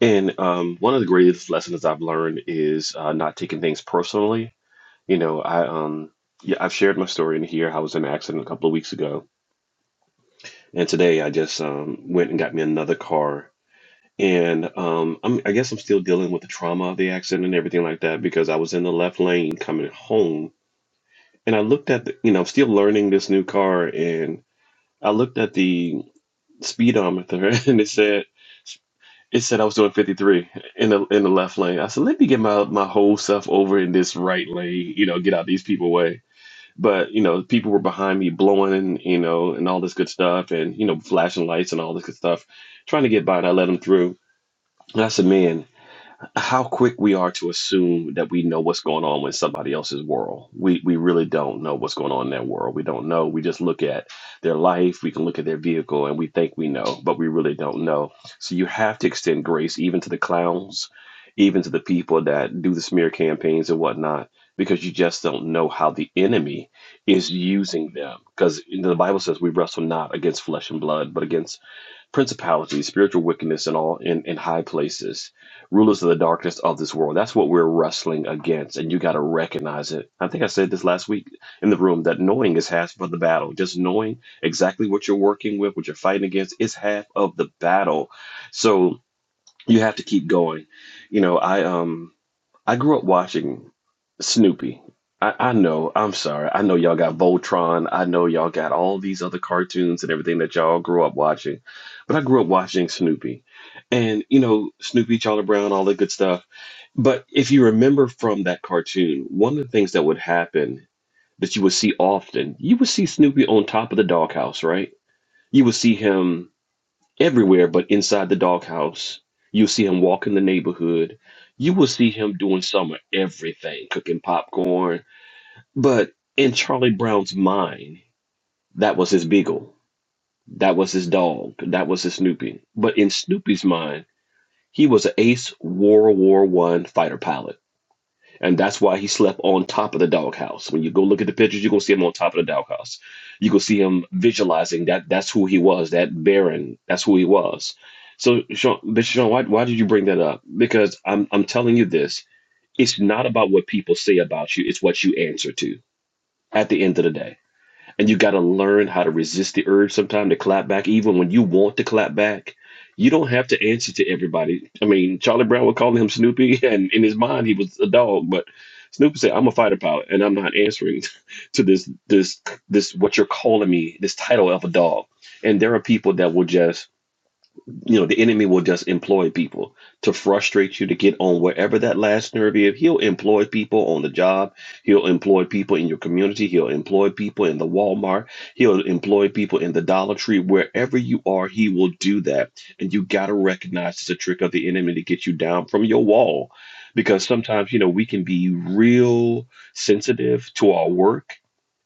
Speaker 7: and um, one of the greatest lessons I've learned is uh, not taking things personally. You know, I um, yeah, I've shared my story in here. I was in an accident a couple of weeks ago, and today I just um, went and got me another car. And um, I'm, I guess I'm still dealing with the trauma of the accident and everything like that because I was in the left lane coming home and I looked at the, you know, still learning this new car, and I looked at the speedometer, and it said it said I was doing 53 in the in the left lane. I said, let me get my my whole self over in this right lane, you know, get out these people way. But you know, people were behind me blowing, and you know, and all this good stuff, and you know, flashing lights and all this good stuff, trying to get by, and I let them through. And I said, man how quick we are to assume that we know what's going on in somebody else's world. We we really don't know what's going on in their world. We don't know. We just look at their life, we can look at their vehicle and we think we know, but we really don't know. So you have to extend grace even to the clowns, even to the people that do the smear campaigns and whatnot, because you just don't know how the enemy is using them. Because the Bible says we wrestle not against flesh and blood, but against principalities, spiritual wickedness and all in, in high places, rulers of the darkness of this world. That's what we're wrestling against, and you got to recognize it. I think I said this last week in the room that knowing is half of the battle. Just knowing exactly what you're working with, what you're fighting against, is half of the battle. So you have to keep going. You know, I um I grew up watching Snoopy. I, I know, I'm sorry. I know y'all got Voltron. I know y'all got all these other cartoons and everything that y'all grew up watching. But I grew up watching Snoopy. And, you know, Snoopy, Charlie Brown, all that good stuff. But if you remember from that cartoon, one of the things that would happen that you would see often, you would see Snoopy on top of the doghouse, right? You would see him everywhere but inside the doghouse. You'll see him walk in the neighborhood. You will see him doing some of everything, cooking popcorn. But in Charlie Brown's mind, that was his beagle. That was his dog. That was his Snoopy. But in Snoopy's mind, he was an ace World War One fighter pilot and that's why he slept on top of the doghouse. When you go look at the pictures, you're gonna see him on top of the doghouse. You can see him visualizing that that's who he was, that Baron, that's who he was. So Sean, but Sean, why why did you bring that up? Because I'm I'm telling you this, it's not about what people say about you, it's what you answer to at the end of the day. And you got to learn how to resist the urge sometimes to clap back, even when you want to clap back. You don't have to answer to everybody. I mean, Charlie Brown would call him Snoopy, and in his mind, he was a dog. But Snoopy said, "I'm a fighter pilot, and I'm not answering to this, this, this what you're calling me, this title of a dog." And there are people that will just you know the enemy will just employ people to frustrate you to get on wherever that last nerve is he'll employ people on the job he'll employ people in your community he'll employ people in the walmart he'll employ people in the dollar tree wherever you are he will do that and you got to recognize it's a trick of the enemy to get you down from your wall because sometimes you know we can be real sensitive to our work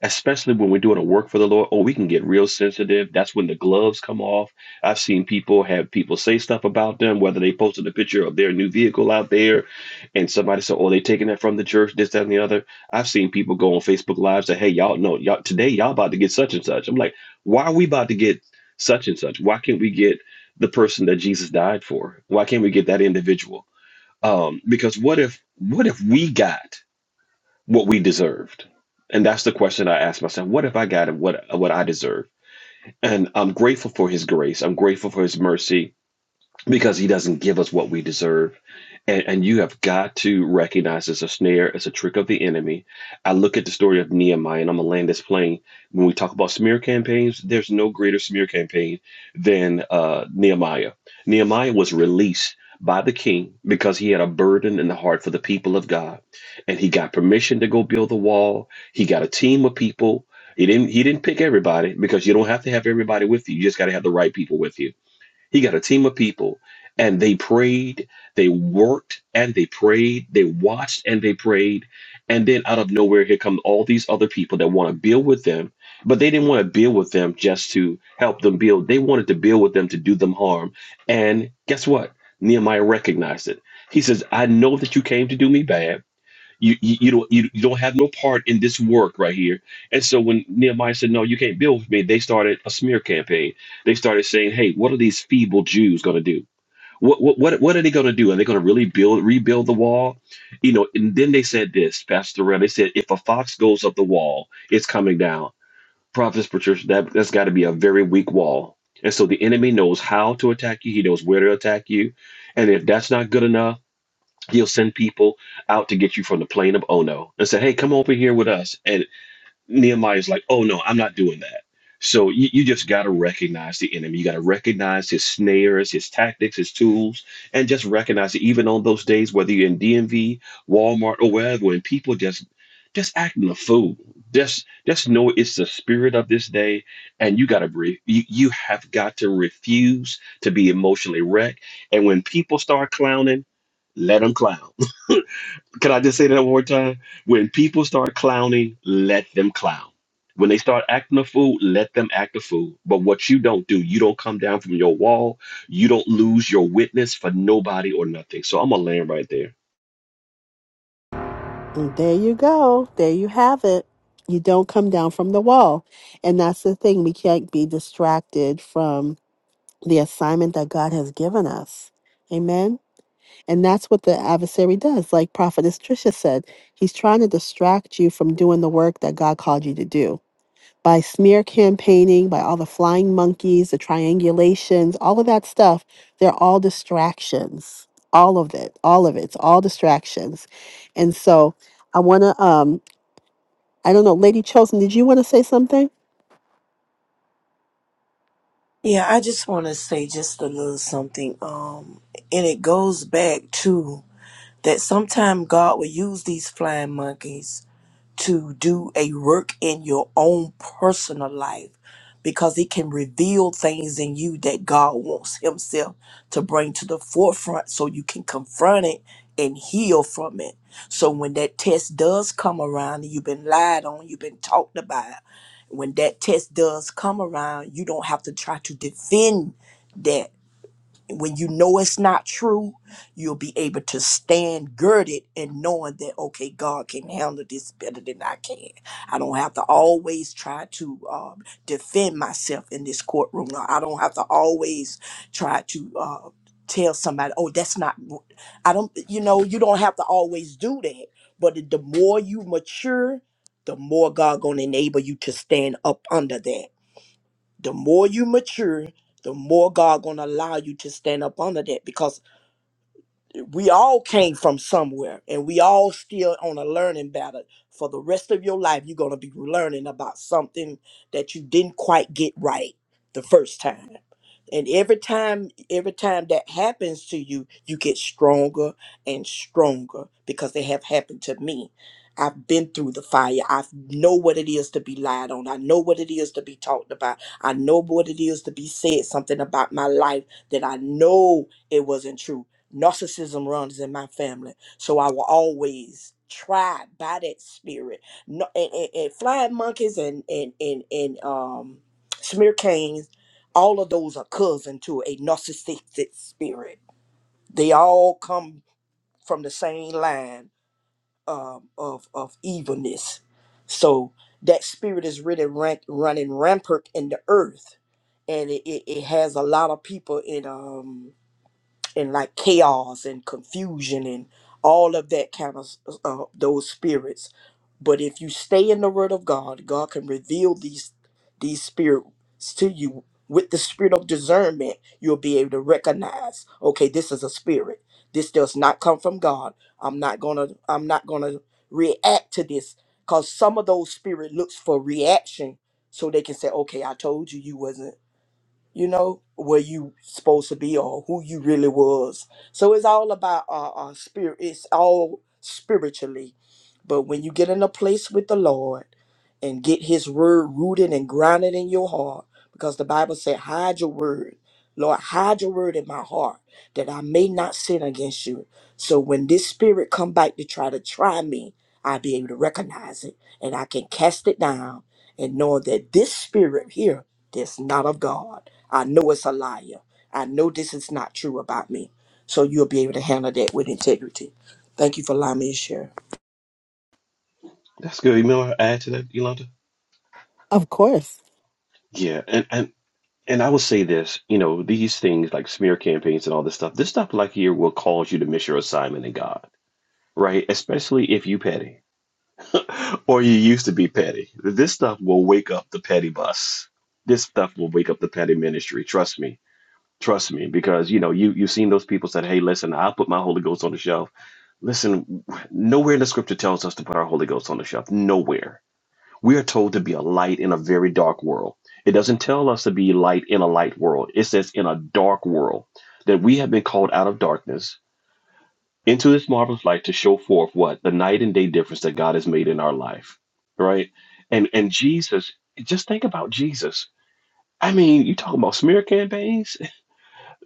Speaker 7: especially when we're doing a work for the lord or we can get real sensitive that's when the gloves come off I've seen people have people say stuff about them, whether they posted a picture of their new vehicle out there and somebody said, Oh, they taking that from the church, this, that, and the other. I've seen people go on Facebook Live say, Hey, y'all know y'all today y'all about to get such and such. I'm like, why are we about to get such and such? Why can't we get the person that Jesus died for? Why can't we get that individual? Um, because what if what if we got what we deserved? And that's the question I ask myself. What if I got what what I deserve? And I'm grateful for his grace. I'm grateful for his mercy because he doesn't give us what we deserve. And, and you have got to recognize it's a snare, it's a trick of the enemy. I look at the story of Nehemiah, and I'm gonna land this plane. When we talk about smear campaigns, there's no greater smear campaign than uh, Nehemiah. Nehemiah was released by the king because he had a burden in the heart for the people of God, and he got permission to go build the wall. He got a team of people. He didn't. He didn't pick everybody because you don't have to have everybody with you. You just got to have the right people with you he got a team of people and they prayed, they worked and they prayed, they watched and they prayed. And then out of nowhere, here come all these other people that want to build with them, but they didn't want to build with them just to help them build. They wanted to build with them to do them harm. And guess what? Nehemiah recognized it. He says, I know that you came to do me bad. You, you you don't you, you don't have no part in this work right here. And so when Nehemiah said, "No, you can't build with me," they started a smear campaign. They started saying, "Hey, what are these feeble Jews going to do? What what what what are they going to do? Are they going to really build rebuild the wall? You know?" And then they said this, Pastor Ram. They said, "If a fox goes up the wall, it's coming down." Prophets Patricia, that that's got to be a very weak wall. And so the enemy knows how to attack you. He knows where to attack you. And if that's not good enough. He'll send people out to get you from the plain of Ono and say, hey, come over here with us. And Nehemiah's like, oh, no, I'm not doing that. So you, you just got to recognize the enemy. You got to recognize his snares, his tactics, his tools, and just recognize it even on those days, whether you're in DMV, Walmart, or wherever, when people just just acting a fool. Just just know it's the spirit of this day, and you gotta breathe. You you have got to refuse to be emotionally wrecked. And when people start clowning, let them clown can I just say that one more time? When people start clowning, let them clown. When they start acting a fool, let them act a fool. But what you don't do, you don't come down from your wall. You don't lose your witness for nobody or nothing. So I'm gonna land right there.
Speaker 1: And there you go. There you have it. You don't come down from the wall, and that's the thing. We can't be distracted from the assignment that God has given us. Amen. And that's what the adversary does. Like Prophetess Trisha said, he's trying to distract you from doing the work that God called you to do by smear campaigning, by all the flying monkeys, the triangulations, all of that stuff. They're all distractions. All of it. All of it. It's all distractions. And so I want to, um, I don't know, Lady Chosen, did you want to say something?
Speaker 5: Yeah, I just want to say just a little something. Um, and it goes back to that sometime God will use these flying monkeys to do a work in your own personal life because it can reveal things in you that God wants Himself to bring to the forefront so you can confront it and heal from it. So when that test does come around and you've been lied on, you've been talked about, when that test does come around, you don't have to try to defend that when you know it's not true, you'll be able to stand girded and knowing that, okay, God can handle this better than I can. I don't have to always try to um, defend myself in this courtroom. Or I don't have to always try to uh, tell somebody, oh, that's not, I don't, you know, you don't have to always do that. But the the more you mature, the more God gonna enable you to stand up under that the more you mature, the more God gonna allow you to stand up under that because we all came from somewhere and we all still on a learning battle for the rest of your life you're going to be learning about something that you didn't quite get right the first time and every time every time that happens to you you get stronger and stronger because they have happened to me i've been through the fire i know what it is to be lied on i know what it is to be talked about i know what it is to be said something about my life that i know it wasn't true Narcissism runs in my family, so I will always try by that spirit. No, and, and, and flying monkeys and and and and um, smear canes, all of those are cousin to a narcissistic spirit. They all come from the same line um, of of evilness. So that spirit is really ran, running rampant in the earth, and it, it, it has a lot of people in um and like chaos and confusion and all of that kind of uh, those spirits. But if you stay in the Word of God, God can reveal these these spirits to you with the spirit of discernment. You'll be able to recognize, okay, this is a spirit. This does not come from God. I'm not gonna. I'm not gonna react to this because some of those spirit looks for reaction so they can say, okay, I told you you wasn't you know where you supposed to be or who you really was so it's all about our, our spirit it's all spiritually but when you get in a place with the lord and get his word rooted and grounded in your heart because the bible said hide your word lord hide your word in my heart that i may not sin against you so when this spirit come back to try to try me i'll be able to recognize it and i can cast it down and know that this spirit here that's not of God. I know it's a liar. I know this is not true about me. So you'll be able to handle that with integrity. Thank you for allowing me to share.
Speaker 7: That's good. You know, add to that, Yolanda.
Speaker 1: Of course.
Speaker 7: Yeah, and and and I will say this. You know, these things like smear campaigns and all this stuff. This stuff like here will cause you to miss your assignment in God, right? Especially if you petty. or you used to be petty. This stuff will wake up the petty bus. This stuff will wake up the petty ministry. Trust me. Trust me. Because you know, you you've seen those people said, Hey, listen, I'll put my Holy Ghost on the shelf. Listen, nowhere in the scripture tells us to put our Holy Ghost on the shelf. Nowhere. We are told to be a light in a very dark world. It doesn't tell us to be light in a light world. It says in a dark world that we have been called out of darkness into this marvelous light to show forth what the night and day difference that God has made in our life, right? And and Jesus, just think about Jesus. I mean, you talking about smear campaigns?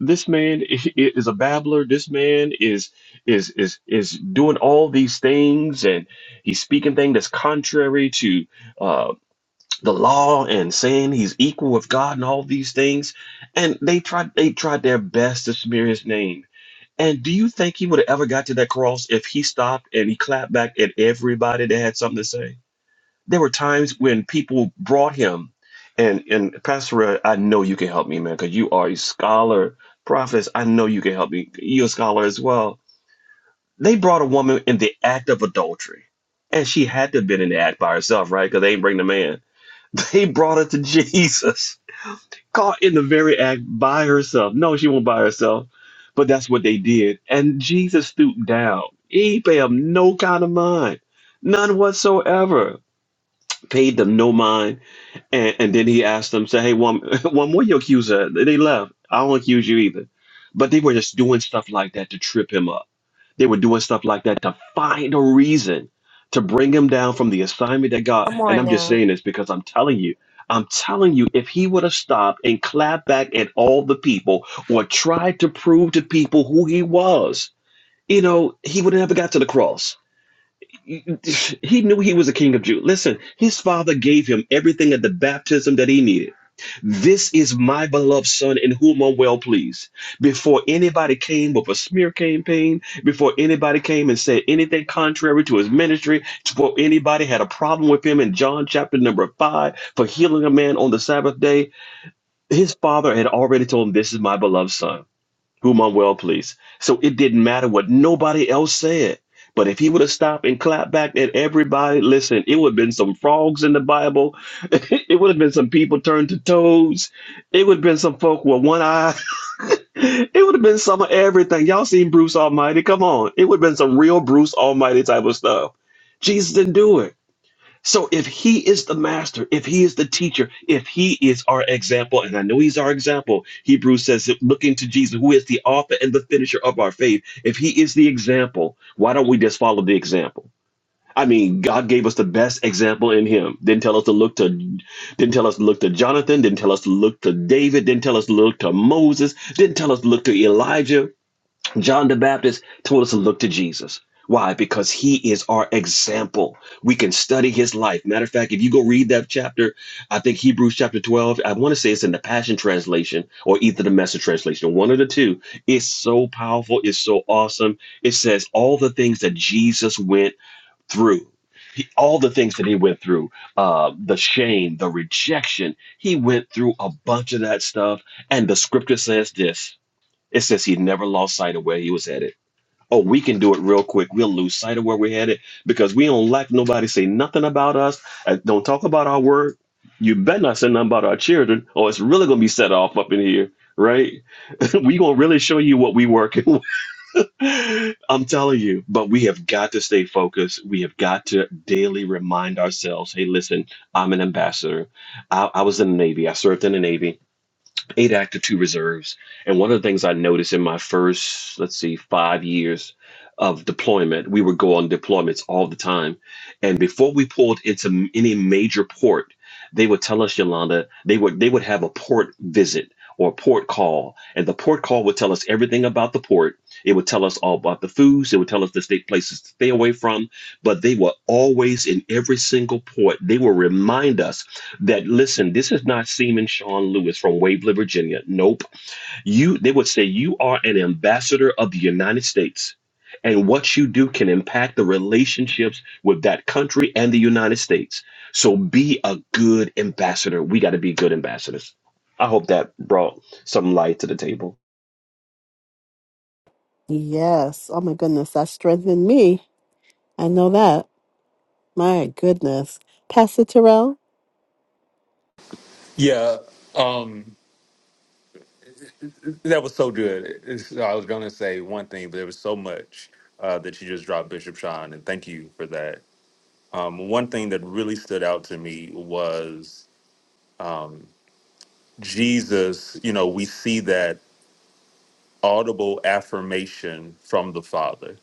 Speaker 7: This man i- i- is a babbler. This man is is is is doing all these things, and he's speaking things that's contrary to uh, the law, and saying he's equal with God, and all these things. And they tried they tried their best to smear his name and do you think he would have ever got to that cross if he stopped and he clapped back at everybody that had something to say? There were times when people brought him, and and Pastor, Red, I know you can help me, man, because you are a scholar, prophet. I know you can help me. You're a scholar as well. They brought a woman in the act of adultery, and she had to have been in the act by herself, right? Because they ain't bring the man. They brought her to Jesus caught in the very act by herself. No, she won't by herself, but that's what they did. And Jesus stooped down. He paid them no kind of mind, none whatsoever. Paid them no mind, and, and then he asked them, "Say, hey, one, one more you accuse her." They left. I don't accuse you either, but they were just doing stuff like that to trip him up they were doing stuff like that to find a reason to bring him down from the assignment that God.
Speaker 6: Come
Speaker 7: And
Speaker 6: on
Speaker 7: I'm just
Speaker 6: now.
Speaker 7: saying this because I'm telling you, I'm telling you, if he would have stopped and clapped back at all the people or tried to prove to people who he was, you know, he would have never got to the cross he knew he was a king of Jews. Listen, his father gave him everything at the baptism that he needed. This is my beloved son in whom I'm well pleased. Before anybody came with a smear campaign, before anybody came and said anything contrary to his ministry, before anybody had a problem with him in John chapter number five for healing a man on the Sabbath day, his father had already told him, This is my beloved son whom I'm well pleased. So it didn't matter what nobody else said. But if he would have stopped and clapped back at everybody, listen, it would have been some frogs in the Bible. it would have been some people turned to toads. It would have been some folk with one eye. It would have been some of everything. Y'all seen Bruce Almighty? Come on. It would have been some real Bruce Almighty type of stuff. Jesus didn't do it. So if he is the master, if he is the teacher, if he is our example, and I know he's our example, Hebrews says that looking to Jesus, who is the author and the finisher of our faith, if he is the example, why don't we just follow the example? I mean, God gave us the best example in him. Didn't tell us to look to didn't tell us to look to Jonathan, didn't tell us to look to David, didn't tell us to look to Moses, didn't tell us to look to Elijah. John the Baptist told us to look to Jesus. Why? Because he is our example. We can study his life. Matter of fact, if you go read that chapter, I think Hebrews chapter 12, I want to say it's in the Passion Translation or either the Message Translation, one of the two. It's so powerful. It's so awesome. It says all the things that Jesus went through. He, all the things that he went through, uh, the shame, the rejection, he went through a bunch of that stuff. And the scripture says this it says he never lost sight of where he was headed. Oh, we can do it real quick. We'll lose sight of where we're headed because we don't like nobody say nothing about us. uh, Don't talk about our word. You better not say nothing about our children, or it's really gonna be set off up in here, right? we gonna really show you what we working with. I'm telling you, but we have got to stay focused. We have got to daily remind ourselves, hey, listen, I'm an ambassador. I, I was in the Navy. I served in the Navy eight active, two reserves. And one of the things I noticed in my first, let's see, five years of deployment, we would go on deployments all the time. And before we pulled into m- any major port, they would tell us, Yolanda, they would they would have a port visit or a port call. And the port call would tell us everything about the port. It would tell us all about the foods. It would tell us the state places to stay away from. But they were always in every single port. They will remind us that listen, this is not Seaman Sean Lewis from Waverly, Virginia. Nope. You they would say you are an ambassador of the United States. And what you do can impact the relationships with that country and the United States. So be a good ambassador. We got to be good ambassadors. I hope that brought some light to the table.
Speaker 1: Yes. Oh my goodness. That strengthened me. I know that. My goodness. Pastor Terrell?
Speaker 3: Yeah, um, that was so good. It's- I was gonna say one thing, but there was so much uh, that you just dropped, Bishop Sean, and thank you for that. Um, one thing that really stood out to me was Jesus, you know, we see that audible affirmation from the Father.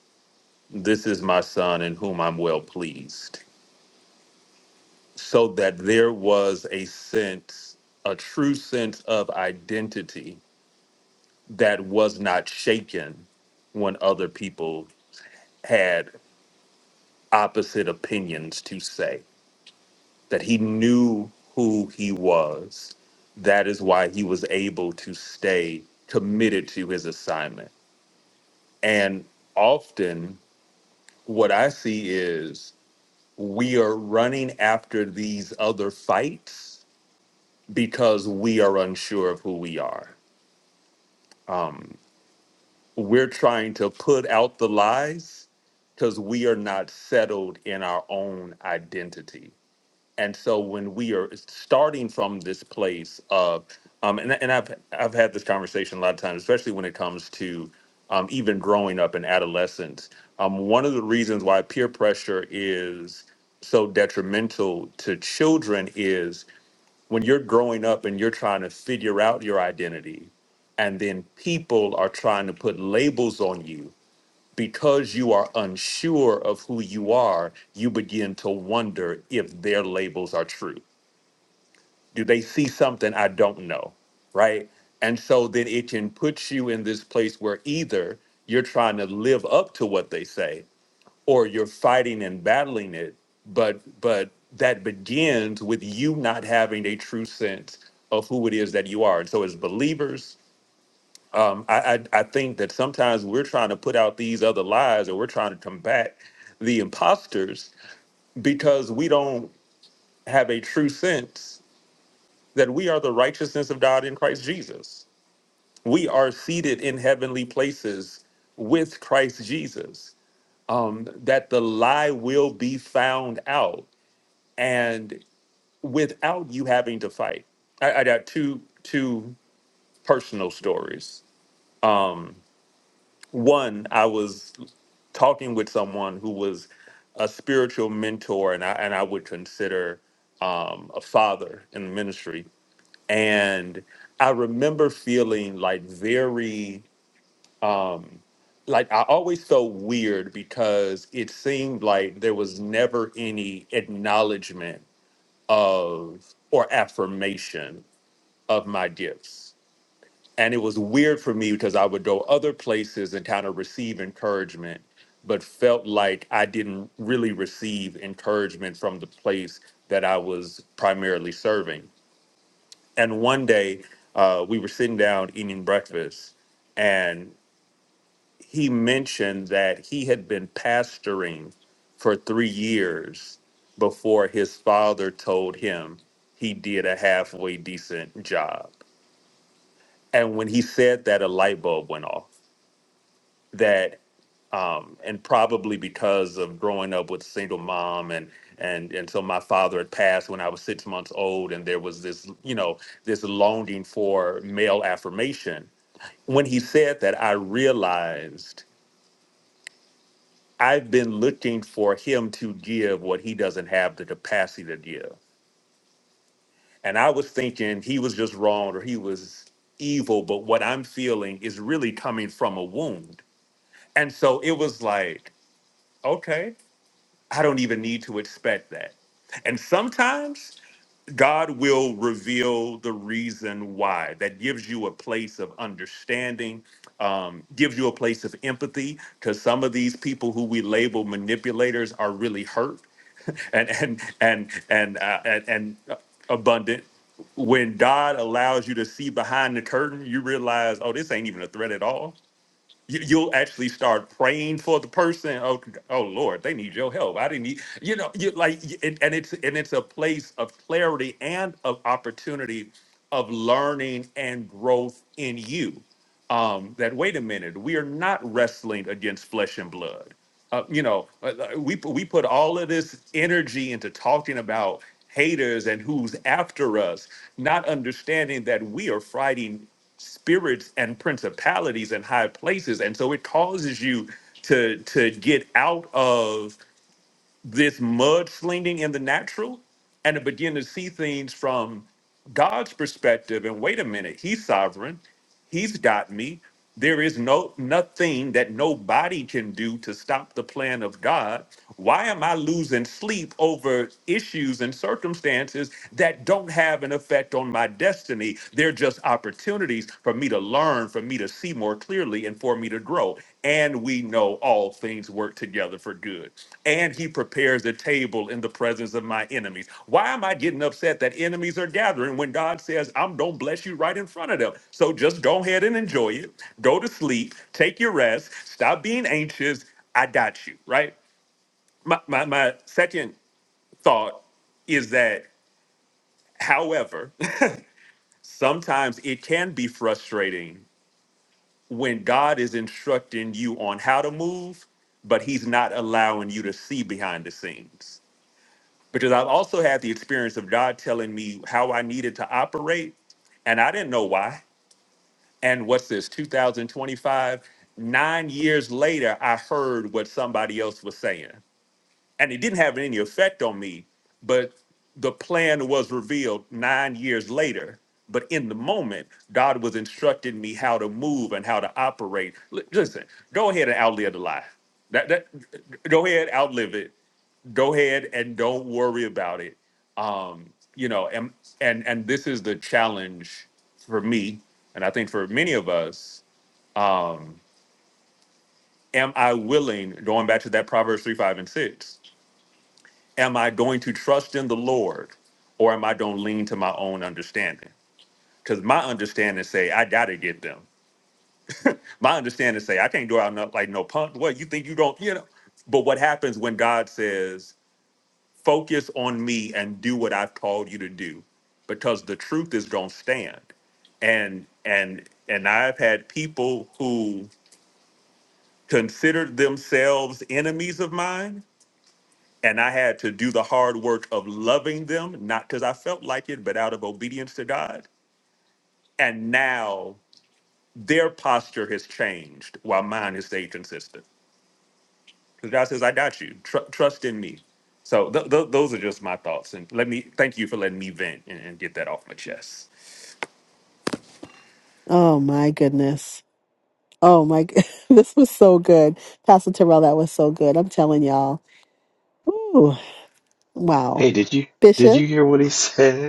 Speaker 3: This is my son in whom I'm well pleased. So that there was a sense, a true sense of identity that was not shaken when other people had opposite opinions to say, that he knew who he was. That is why he was able to stay committed to his assignment. And often, What I see is we are running after these other fights because we are unsure of who we are. Um, we're trying to put out the lies because we are not settled in our own identity. and so when we are starting from this place of um, and, and I've I've had this conversation a lot of times, especially when it comes to um, even growing up in adolescence. Um, one of the reasons why peer pressure is so detrimental to children is when you're growing up and you're trying to figure out your identity, and then people are trying to put labels on you because you are unsure of who you are, you begin to wonder if their labels are true. Do they see something I don't know? Right. And so then it can put you in this place where either you're trying to live up to what they say or you're fighting and battling it. But, but, that begins with you not having a true sense of who it is that you are. And so, as believers, um, I, I I think that sometimes we're trying to put out these other lies, or we're trying to combat the imposters because we don't have a true sense that we are the righteousness of God in Christ Jesus. We are seated in heavenly places with Christ Jesus. Um, that the lie will be found out, and without you having to fight. I, I got two two personal stories. Um, one, I was talking with someone who was a spiritual mentor and I and I would consider um, a father in the ministry. And I remember feeling like very um, like I always felt weird because it seemed like there was never any acknowledgement of or affirmation of my gifts and it was weird for me because I would go other places and kind of receive encouragement, but felt like I didn't really receive encouragement from the place that I was primarily serving. And one day, uh, we were sitting down eating breakfast, and he mentioned that he had been pastoring for three years before his father told him he did a halfway decent job. And when he said that, a light bulb went off that um and probably because of growing up with a single mom and and and so my father had passed when I was 6 months old and there was this you know this longing for male affirmation when he said that I realized I've been looking for him to give what he doesn't have the capacity to give and I was thinking he was just wrong or he was evil but what I'm feeling is really coming from a wound and so it was like okay I don't even need to expect that. And sometimes God will reveal the reason why. That gives you a place of understanding, um, gives you a place of empathy, because some of these people who we label manipulators are really hurt and and and and uh, and, and abundant. When God allows you to see behind the curtain, you realize, oh, this ain't even a threat at all you, you'll actually start praying for the person. Oh, oh Lord, they need your help. I didn't need, you know, you like, y- and, and it's and it's a place of clarity and of opportunity of learning and growth in you. Um, that wait a minute, we are not wrestling against flesh and blood uh, you know, uh, uh, we we put all of this energy into talking about haters and who's after us, not understanding that we are fighting spirits and principalities and high places, and so it causes you to to get out of this mudslinging in the natural and to begin to see things from God's perspective. And wait a minute, He's sovereign. He's got me. There is no nothing that nobody can do to stop the plan of God. Why am I losing sleep over issues and circumstances that don't have an effect on my destiny? They're just opportunities for me to learn, for me to see more clearly, and for me to grow and we know all things work together for good. And he prepares a table in the presence of my enemies. Why am I getting upset that enemies are gathering when God says, I'm don't bless you right in front of them? So just go ahead and enjoy it. Go to sleep, take your rest, stop being anxious. I got you, right? My my, my second thought is that, however, sometimes it can be frustrating when God is instructing you on how to move, but He's not allowing you to see behind the scenes. Because I've also had the experience of God telling me how I needed to operate, and I didn't know why. And what's this, 2025? Nine years later, I heard what somebody else was saying and it didn't have any effect on me but the plan was revealed nine years later but in the moment god was instructing me how to move and how to operate Li- listen go ahead and outlive the lie that, that go ahead outlive it go ahead and don't worry about it um you know and and and this is the challenge for me and i think for many of us um am i willing going back to that proverbs 3 5 and 6 am I going to trust in the Lord or am I going to lean to my own understanding? Because my understanding say I gotta get them. My understanding say I can't go out no- like no punk. What you think you don't, you know? But what happens when God says, focus on me and do what I've called you to do? Because the truth is gonna stand. And and and I've had people who considered themselves enemies of mine And I had to do the hard work of loving them, not because I felt like it, but out of obedience to God. And now their posture has changed while mine has stayed consistent. Because God says, I got you. Tr- trust in me. So th- th- those are just my thoughts. And let me thank you for letting me vent and, and get that off my chest.
Speaker 1: Oh my goodness. Oh my, g- this was so good. Pastor Terrell, that was so good. I'm telling y'all. Ooh, wow.
Speaker 7: Hey, did you did
Speaker 1: Bishop,
Speaker 7: you hear what he said?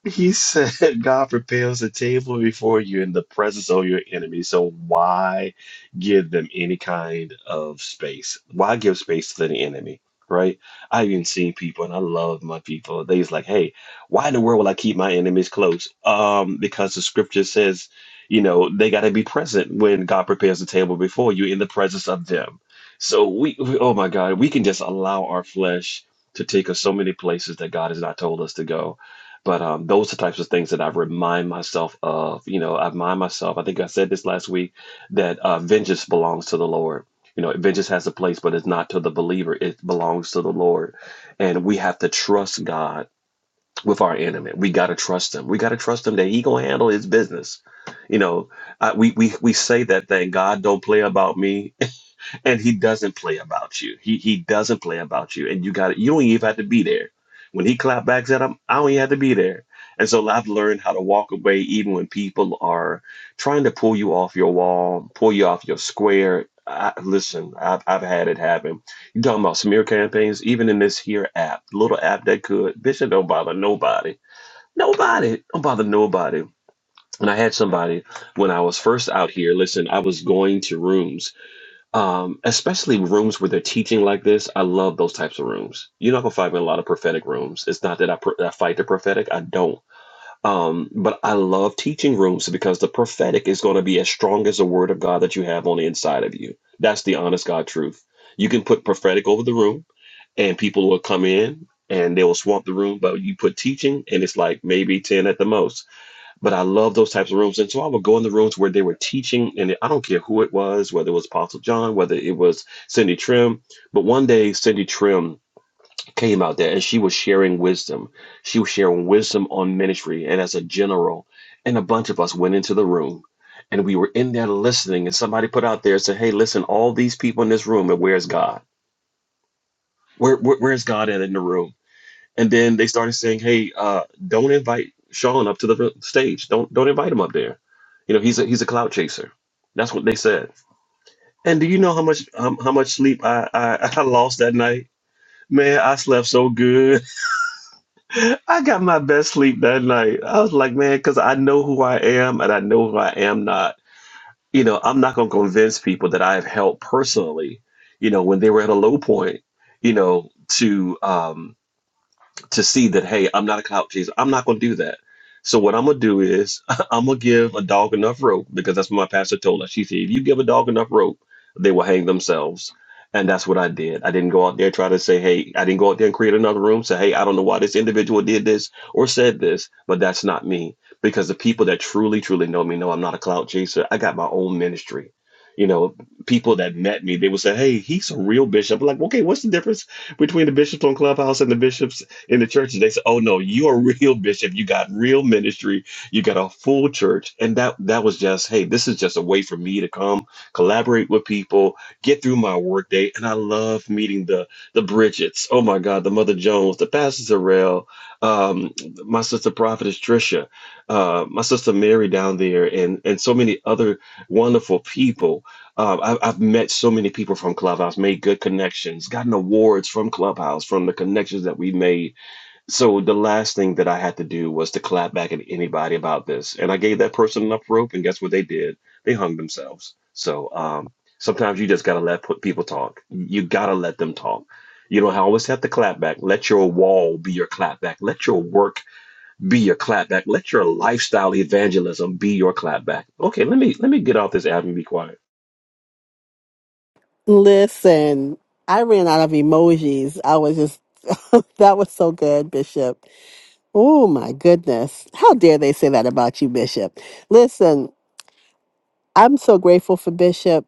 Speaker 7: He said, God prepares a table before you in the presence of your enemies. So why give them any kind of space? Why give space to the enemy? Right? I've even seen people, and I love my people. They was like, hey, why in the world will I keep my enemies close? Um, because the scripture says, you know, they got to be present when God prepares a table before you in the presence of them. So we, we, oh my God, we can just allow our flesh to take us so many places that God has not told us to go but um, those are the types of things that I remind myself of. You know, I remind myself, I think I said this last week, that uh, vengeance belongs to the Lord. You know, vengeance has a place, but it's not to the believer. It belongs to the Lord. And we have to trust God with our enemy. We got to trust him. We got to trust him that he going to handle his business. You know, I, we, we, we say that thing, God don't play about me. And he doesn't play about you. He he doesn't play about you. And you got you don't even have to be there. When he clapbacks at him, I don't even have to be there. And so I've learned how to walk away even when people are trying to pull you off your wall, pull you off your square. I, listen, I've, I've had it happen. you talking about smear campaigns, even in this here app, little app that could. Bitch, it don't bother nobody. Nobody. Don't bother nobody. And I had somebody when I was first out here. Listen, I was going to rooms um, especially rooms where they're teaching like this. I love those types of rooms. You're not gonna find me in a lot of prophetic rooms. It's not that I, pr- I fight the prophetic. I don't. Um, but I love teaching rooms because the prophetic is going to be as strong as the word of God that you have on the inside of you. That's the honest God truth. You can put prophetic over the room, and people will come in and they will swamp the room. But you put teaching, and it's like maybe ten at the most but I love those types of rooms. And so I would go in the rooms where they were teaching, and I don't care who it was, whether it was Apostle John, whether it was Cindy Trim. But one day, Cindy Trim came out there and she was sharing wisdom. She was sharing wisdom on ministry. And as a general, and a bunch of us went into the room and we were in there listening. And somebody put out there and said, Hey, listen, all these people in this room, and where's God? Where, where, where's God at in the room? and then they started saying, "Hey, uh, don't invite Sean up to the stage. Don't don't invite him up there. You know, he's a he's a cloud chaser." That's what they said. And do you know how much um, how much sleep I, I I lost that night? Man, I slept so good. I got my best sleep that night. I was like, man, because I know who I am and I know who I am not. You know, I'm not gonna convince people that I've helped personally. You know, when they were at a low point. You know, to um, to see that hey i'm not a clout chaser i'm not going to do that so what i'm going to do is i'm going to give a dog enough rope because that's what my pastor told us she said if you give a dog enough rope they will hang themselves and that's what i did i didn't go out there and try to say hey i didn't go out there and create another room say hey i don't know why this individual did this or said this but that's not me because the people that truly truly know me know i'm not a clout chaser i got my own ministry you know people that met me they would say hey he's a real bishop I'm like okay what's the difference between the bishops on clubhouse and the bishops in the church and they say, "Oh no, you're a real bishop. You got real ministry. You got a full church." And that that was just, hey, this is just a way for me to come collaborate with people, get through my workday. And I love meeting the the Bridgets. Oh my God, the Mother Jones, the Pastor Zarell, um, my sister Prophetess Trisha, uh, my sister Mary down there, and and so many other wonderful people. Um, I've, I've met so many people from Clubhouse, made good connections, gotten awards from Clubhouse from the connections that we made so the last thing that I had to do was to clap back at anybody about this. And I gave that person enough rope, and guess what they did? They hung themselves. So um, sometimes you just gotta let put people talk. You gotta let them talk. You don't always have to clap back. Let your wall be your clap back. Let your work be your clap back. Let your lifestyle evangelism be your clap back. Okay, let me let me get off this app and be quiet.
Speaker 1: listen, I ran out of emojis. I was just, that was so good, Bishop. Oh my goodness. How dare they say that about you, Bishop? Listen, I'm so grateful for Bishop.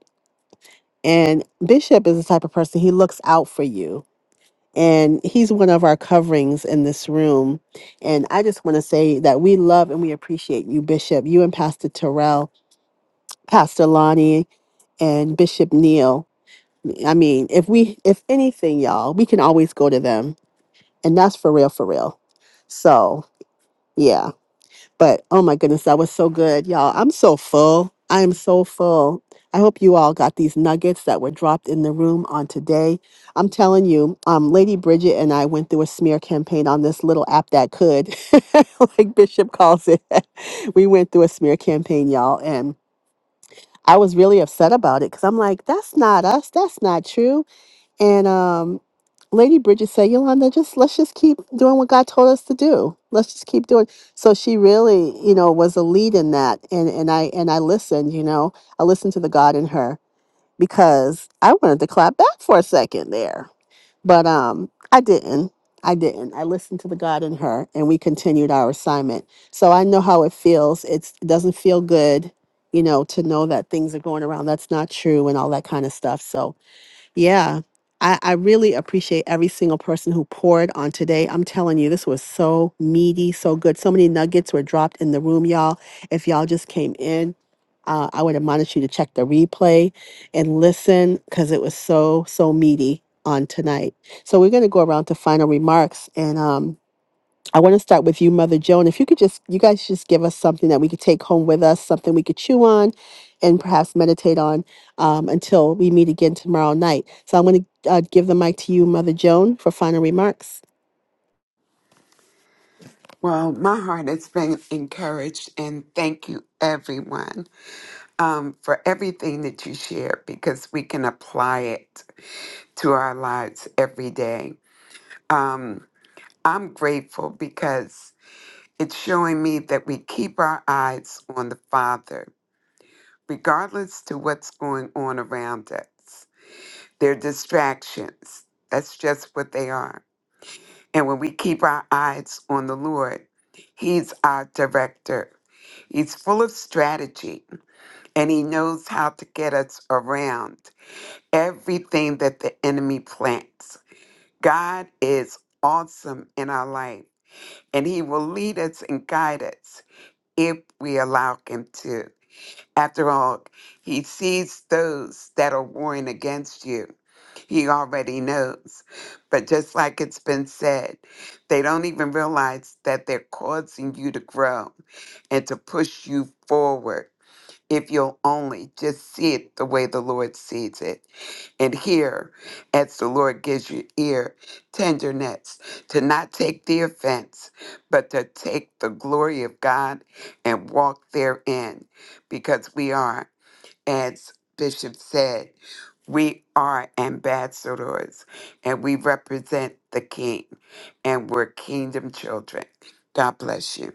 Speaker 1: And Bishop is the type of person, he looks out for you and he's one of our coverings in this room. And I just want to say that we love and we appreciate you, Bishop, you and Pastor Terrell, Pastor Lonnie, and Bishop Neil. I mean, if we, if anything, y'all, we can always go to them, and that's for real, for real. So, yeah. But oh my goodness, that was so good, y'all. I'm so full. I am so full. I hope you all got these nuggets that were dropped in the room on today. I'm telling you, um, Lady Bridget and I went through a smear campaign on this little app that could, like Bishop calls it. we went through a smear campaign, y'all, and I was really upset about it because I'm like, that's not us. That's not true. And um, Lady Bridget said, Yolanda, just let's just keep doing what God told us to do. Let's just keep doing. So she really, you know, was a lead in that. And and I and I listened, you know, I listened to the God in her because I wanted to clap back for a second there. But um I didn't. I didn't. I listened to the God in her and we continued our assignment. So I know how it feels. It's it doesn't feel good, you know, to know that things are going around. That's not true and all that kind of stuff. So yeah. I, I really appreciate every single person who poured on today. I'm telling you, this was so meaty, so good. So many nuggets were dropped in the room, y'all. If y'all just came in, uh, I would admonish you to check the replay and listen because it was so, so meaty on tonight. So we're going to go around to final remarks. And um, I want to start with you, Mother Joan. If you could just, you guys just give us something that we could take home with us, something we could chew on and perhaps meditate on um, until we meet again tomorrow night. So I'm going to uh, give the mic to you, Mother Joan, for final remarks.
Speaker 2: Well, my heart has been encouraged, and thank you, everyone, um, for everything that you share because we can apply it to our lives every day. um, I'm grateful because it's showing me that we keep our eyes on the Father, regardless to what's going on around us. They're distractions. That's just what they are. And when we keep our eyes on the Lord, He's our director. He's full of strategy and he knows how to get us around everything that the enemy plants. God is awesome in our life and He will lead us and guide us if we allow Him to. After all, He sees those that are warring against you, He already knows. But just like it's been said, they don't even realize that they're causing you to grow and to push you forward if you'll only just see it the way the Lord sees it and hear as the Lord gives you ear, tenderness, to not take the offense, but to take the glory of God and walk therein, because we are, as Bishop said, we are ambassadors and we represent the King and we're kingdom children. God bless you.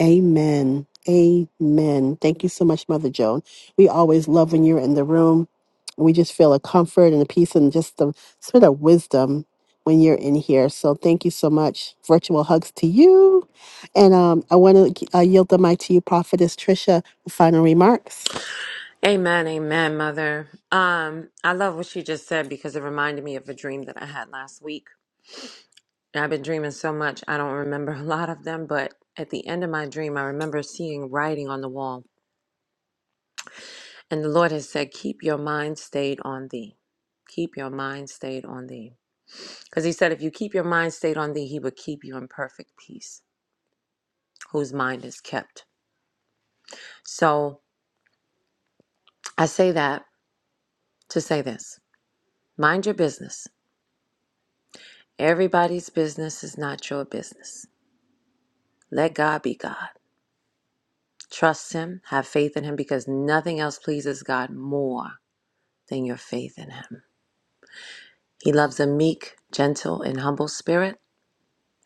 Speaker 1: Amen. Amen. Thank you so much, Mother Joan. We always love when you're in the room. We just feel a comfort and a peace and just the sort of wisdom when you're in here. So thank you so much. Virtual hugs to you. And um, I want to uh, yield the mic to you, Prophetess Trisha, for final remarks.
Speaker 6: Amen, amen, mother. Um, I love what she just said because it reminded me of a dream that I had last week. And I've been dreaming so much, I don't remember a lot of them, but at the end of my dream, I remember seeing writing on the wall. And the Lord has said, Keep your mind stayed on thee. Keep your mind stayed on thee. Because he said, if you keep your mind stayed on thee, he would keep you in perfect peace, whose mind is kept. So I say that to say this mind your business. Everybody's business is not your business. Let God be God. Trust Him, have faith in Him, because nothing else pleases God more than your faith in Him. He loves a meek, gentle, and humble spirit.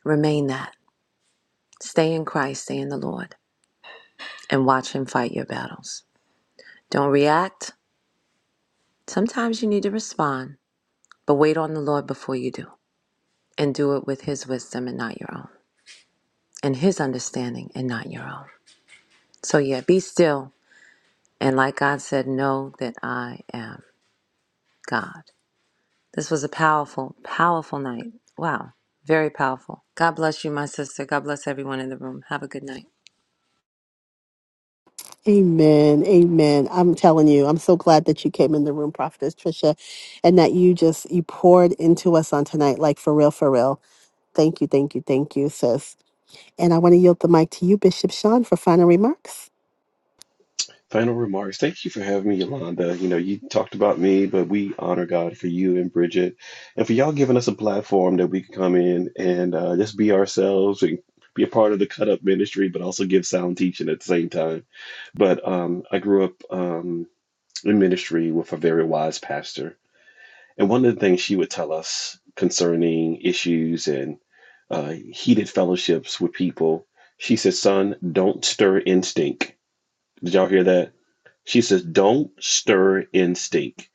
Speaker 6: Remain that. Stay in Christ, stay in the Lord, and watch Him fight your battles. Don't react. Sometimes you need to respond But wait on the Lord before you do, and do it with His wisdom and not your own, and His understanding and not your own. So, yeah, be still. And like God said, know that I am God. This was a powerful, powerful night. Wow, very powerful. God bless you, my sister. God bless everyone in the room. Have a good night.
Speaker 1: Amen. Amen. I'm telling you, I'm so glad that you came in the room, Prophetess Trisha, and that you just you poured into us on tonight, like for real, for real. Thank you, thank you, thank you, sis. And I want to yield the mic to you, Bishop Sean, for final remarks.
Speaker 7: Final remarks. Thank you for having me, Yolanda. You know, you talked about me, but we honor God for you and Bridget and for y'all giving us a platform that we can come in and uh, just be ourselves and be a part of the cut up ministry, but also give sound teaching at the same time. But um, I grew up um, in ministry with a very wise pastor. And one of the things she would tell us concerning issues and uh, heated fellowships with people, she said, Son, don't stir instinct. Did y'all hear that? She says, don't stir in stink.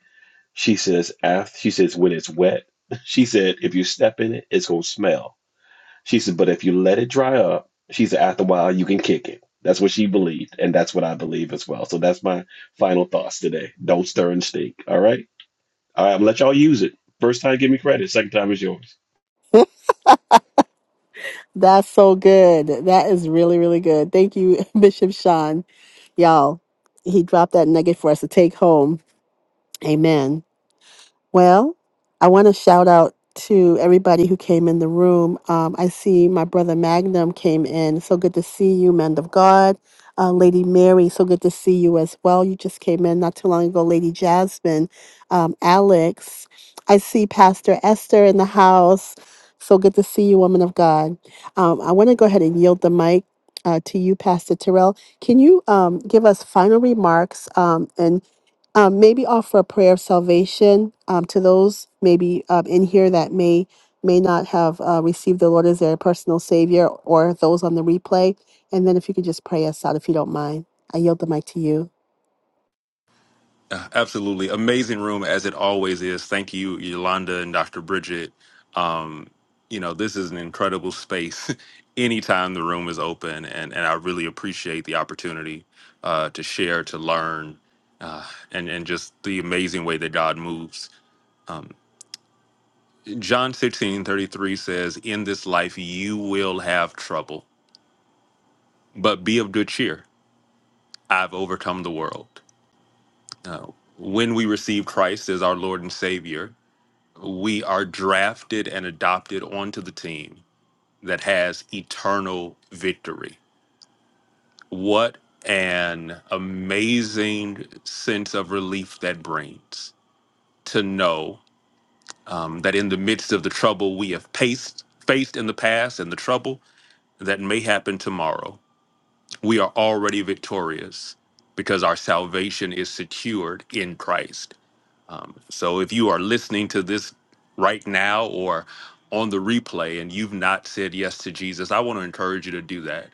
Speaker 7: She says, after, she says, when it's wet, she said, if you step in it, it's going to smell. She said, but if you let it dry up, she said, after a while, you can kick it. That's what she believed. And that's what I believe as well. So that's my final thoughts today. Don't stir and stink. All right. All right. I'm going to let y'all use it. First time, give me credit. Second time is yours.
Speaker 1: That's so good. That is really, really good. Thank you, Bishop Sean. Y'all, he dropped that nugget for us to take home. Amen. Well, I want to shout out to everybody who came in the room. Um, I see my brother Magnum came in. So good to see you, man of God. Uh, Lady Mary, so good to see you as well. You just came in not too long ago. Lady Jasmine, um, Alex. I see Pastor Esther in the house. So good to see you, woman of God. Um, I want to go ahead and yield the mic uh, to you, Pastor Terrell. Can you um, give us final remarks um, and um, maybe offer a prayer of salvation um, to those maybe um, in here that may may not have uh, received the Lord as their personal Savior, or those on the replay. And then if you could just pray us out, if you don't mind, I yield the mic to you.
Speaker 3: Uh, Absolutely. Amazing room as it always is. Thank you, Yolanda and Dr. Bridget. Um, you know, this is an incredible space anytime the room is open. And, and I really appreciate the opportunity uh, to share, to learn, uh, and, and just the amazing way that God moves. John 16 33 says, In this life you will have trouble, but be of good cheer. I've overcome the world. Uh, when we receive Christ as our Lord and Savior, we are drafted and adopted onto the team that has eternal victory. What an amazing sense of relief that brings to know um, that in the midst of the trouble we have paced, faced in the past and the trouble that may happen tomorrow, we are already victorious because our salvation is secured in Christ. So if you are listening to this right now or on the replay and you've not said yes to Jesus, I want to encourage you to do that.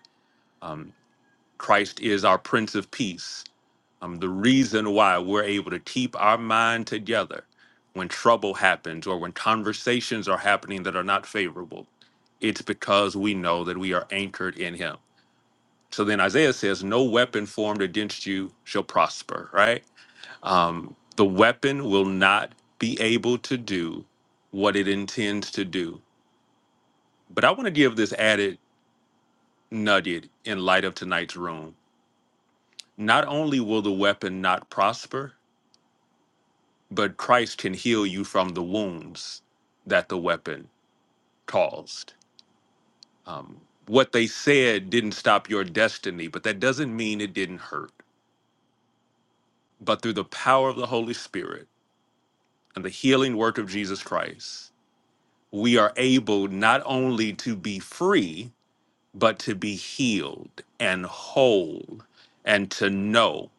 Speaker 3: Christ is our Prince of Peace. Um, the reason why we're able to keep our mind together when trouble happens or when conversations are happening that are not favorable, it's because we know that we are anchored in Him. So then Isaiah says, No weapon formed against you shall prosper, right? Um, The weapon will not be able to do what it intends to do. But I want to give this added nugget in light of tonight's room. Not only will the weapon not prosper, but Christ can heal you from the wounds that the weapon caused. Um, what they said didn't stop your destiny, but that doesn't mean it didn't hurt. But through the power of the Holy Spirit and the healing work of Jesus Christ, we are able not only to be free, but to be healed and whole and to know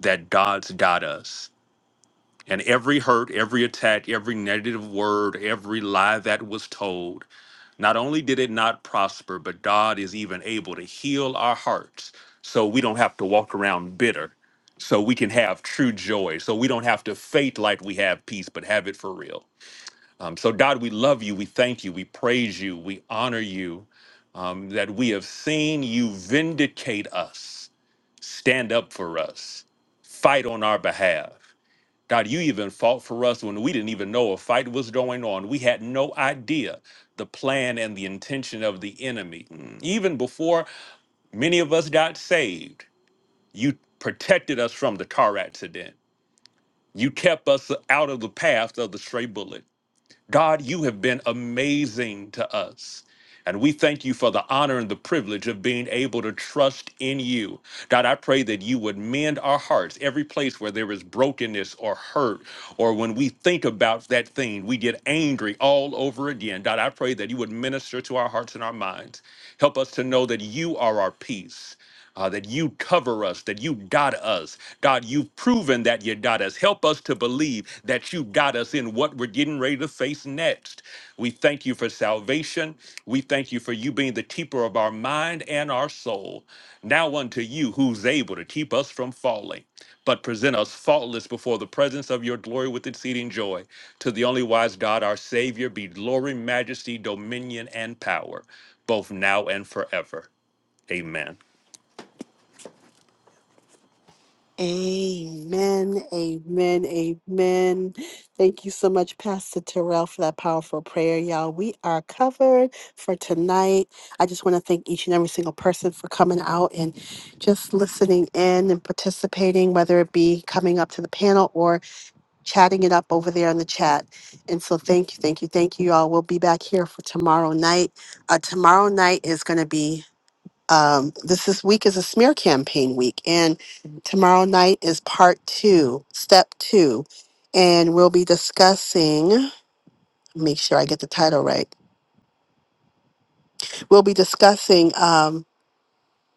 Speaker 3: that God's got us. And every hurt, every attack, every negative word, every lie that was told, not only did it not prosper, but God is even able to heal our hearts so we don't have to walk around bitter, so we can have true joy, so we don't have to fake like we have peace, but have it for real. Um, so, God, we love you. We thank you. We praise you. We honor you um, that we have seen you vindicate us, stand up for us, fight on our behalf. God, you even fought for us when we didn't even know a fight was going on. We had no idea the plan and the intention of the enemy. Mm, Even before many of us got saved, you protected us from the car accident. You kept us out of the path of the stray bullet. God, you have been amazing to us. And we thank you for the honor and the privilege of being able to trust in you. God, I pray that you would mend our hearts every place where there is brokenness or hurt, or when we think about that thing, we get angry all over again. God, I pray that you would minister to our hearts and our minds. Help us to know that you are our peace uh, that you cover us, that you got us. God, you've proven that you got us. Help us to believe that you got us in what we're getting ready to face next. We thank you for salvation. We thank you for you being the keeper of our mind and our soul. Now unto you who's able to keep us from falling, but present us faultless before the presence of your glory with exceeding joy. To the only wise God, our Savior, be glory, majesty, dominion, and power, both now and forever. Amen.
Speaker 1: Amen, amen, amen. Thank you so much, Pastor Terrell, for that powerful prayer, y'all. We are covered for tonight. I just want to thank each and every single person for coming out and just listening in and participating, whether it be coming up to the panel or chatting it up over there in the chat. And so, thank you, thank you, thank you, y'all. We'll be back here for tomorrow night. Uh, tomorrow night is going to be um, this this week is a smear campaign week, and tomorrow night is part two, step two, and we'll be discussing. Make sure I get the title right. We'll be discussing um,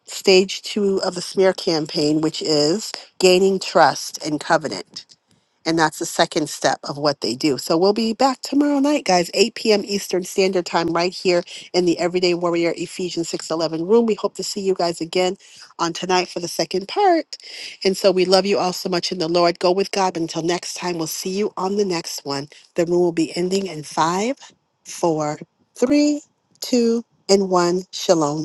Speaker 1: stage two of the smear campaign, which is gaining trust and covenant. And that's the second step of what they do. So we'll be back tomorrow night, guys, 8 p.m. Eastern Standard Time, right here in the Everyday Warrior Ephesians 611 room. We hope to see you guys again on tonight for the second part. And so we love you all so much in the Lord. Go with God. But until next time, we'll see you on the next one. The room will be ending in five, four, three, two, and one. Shalom.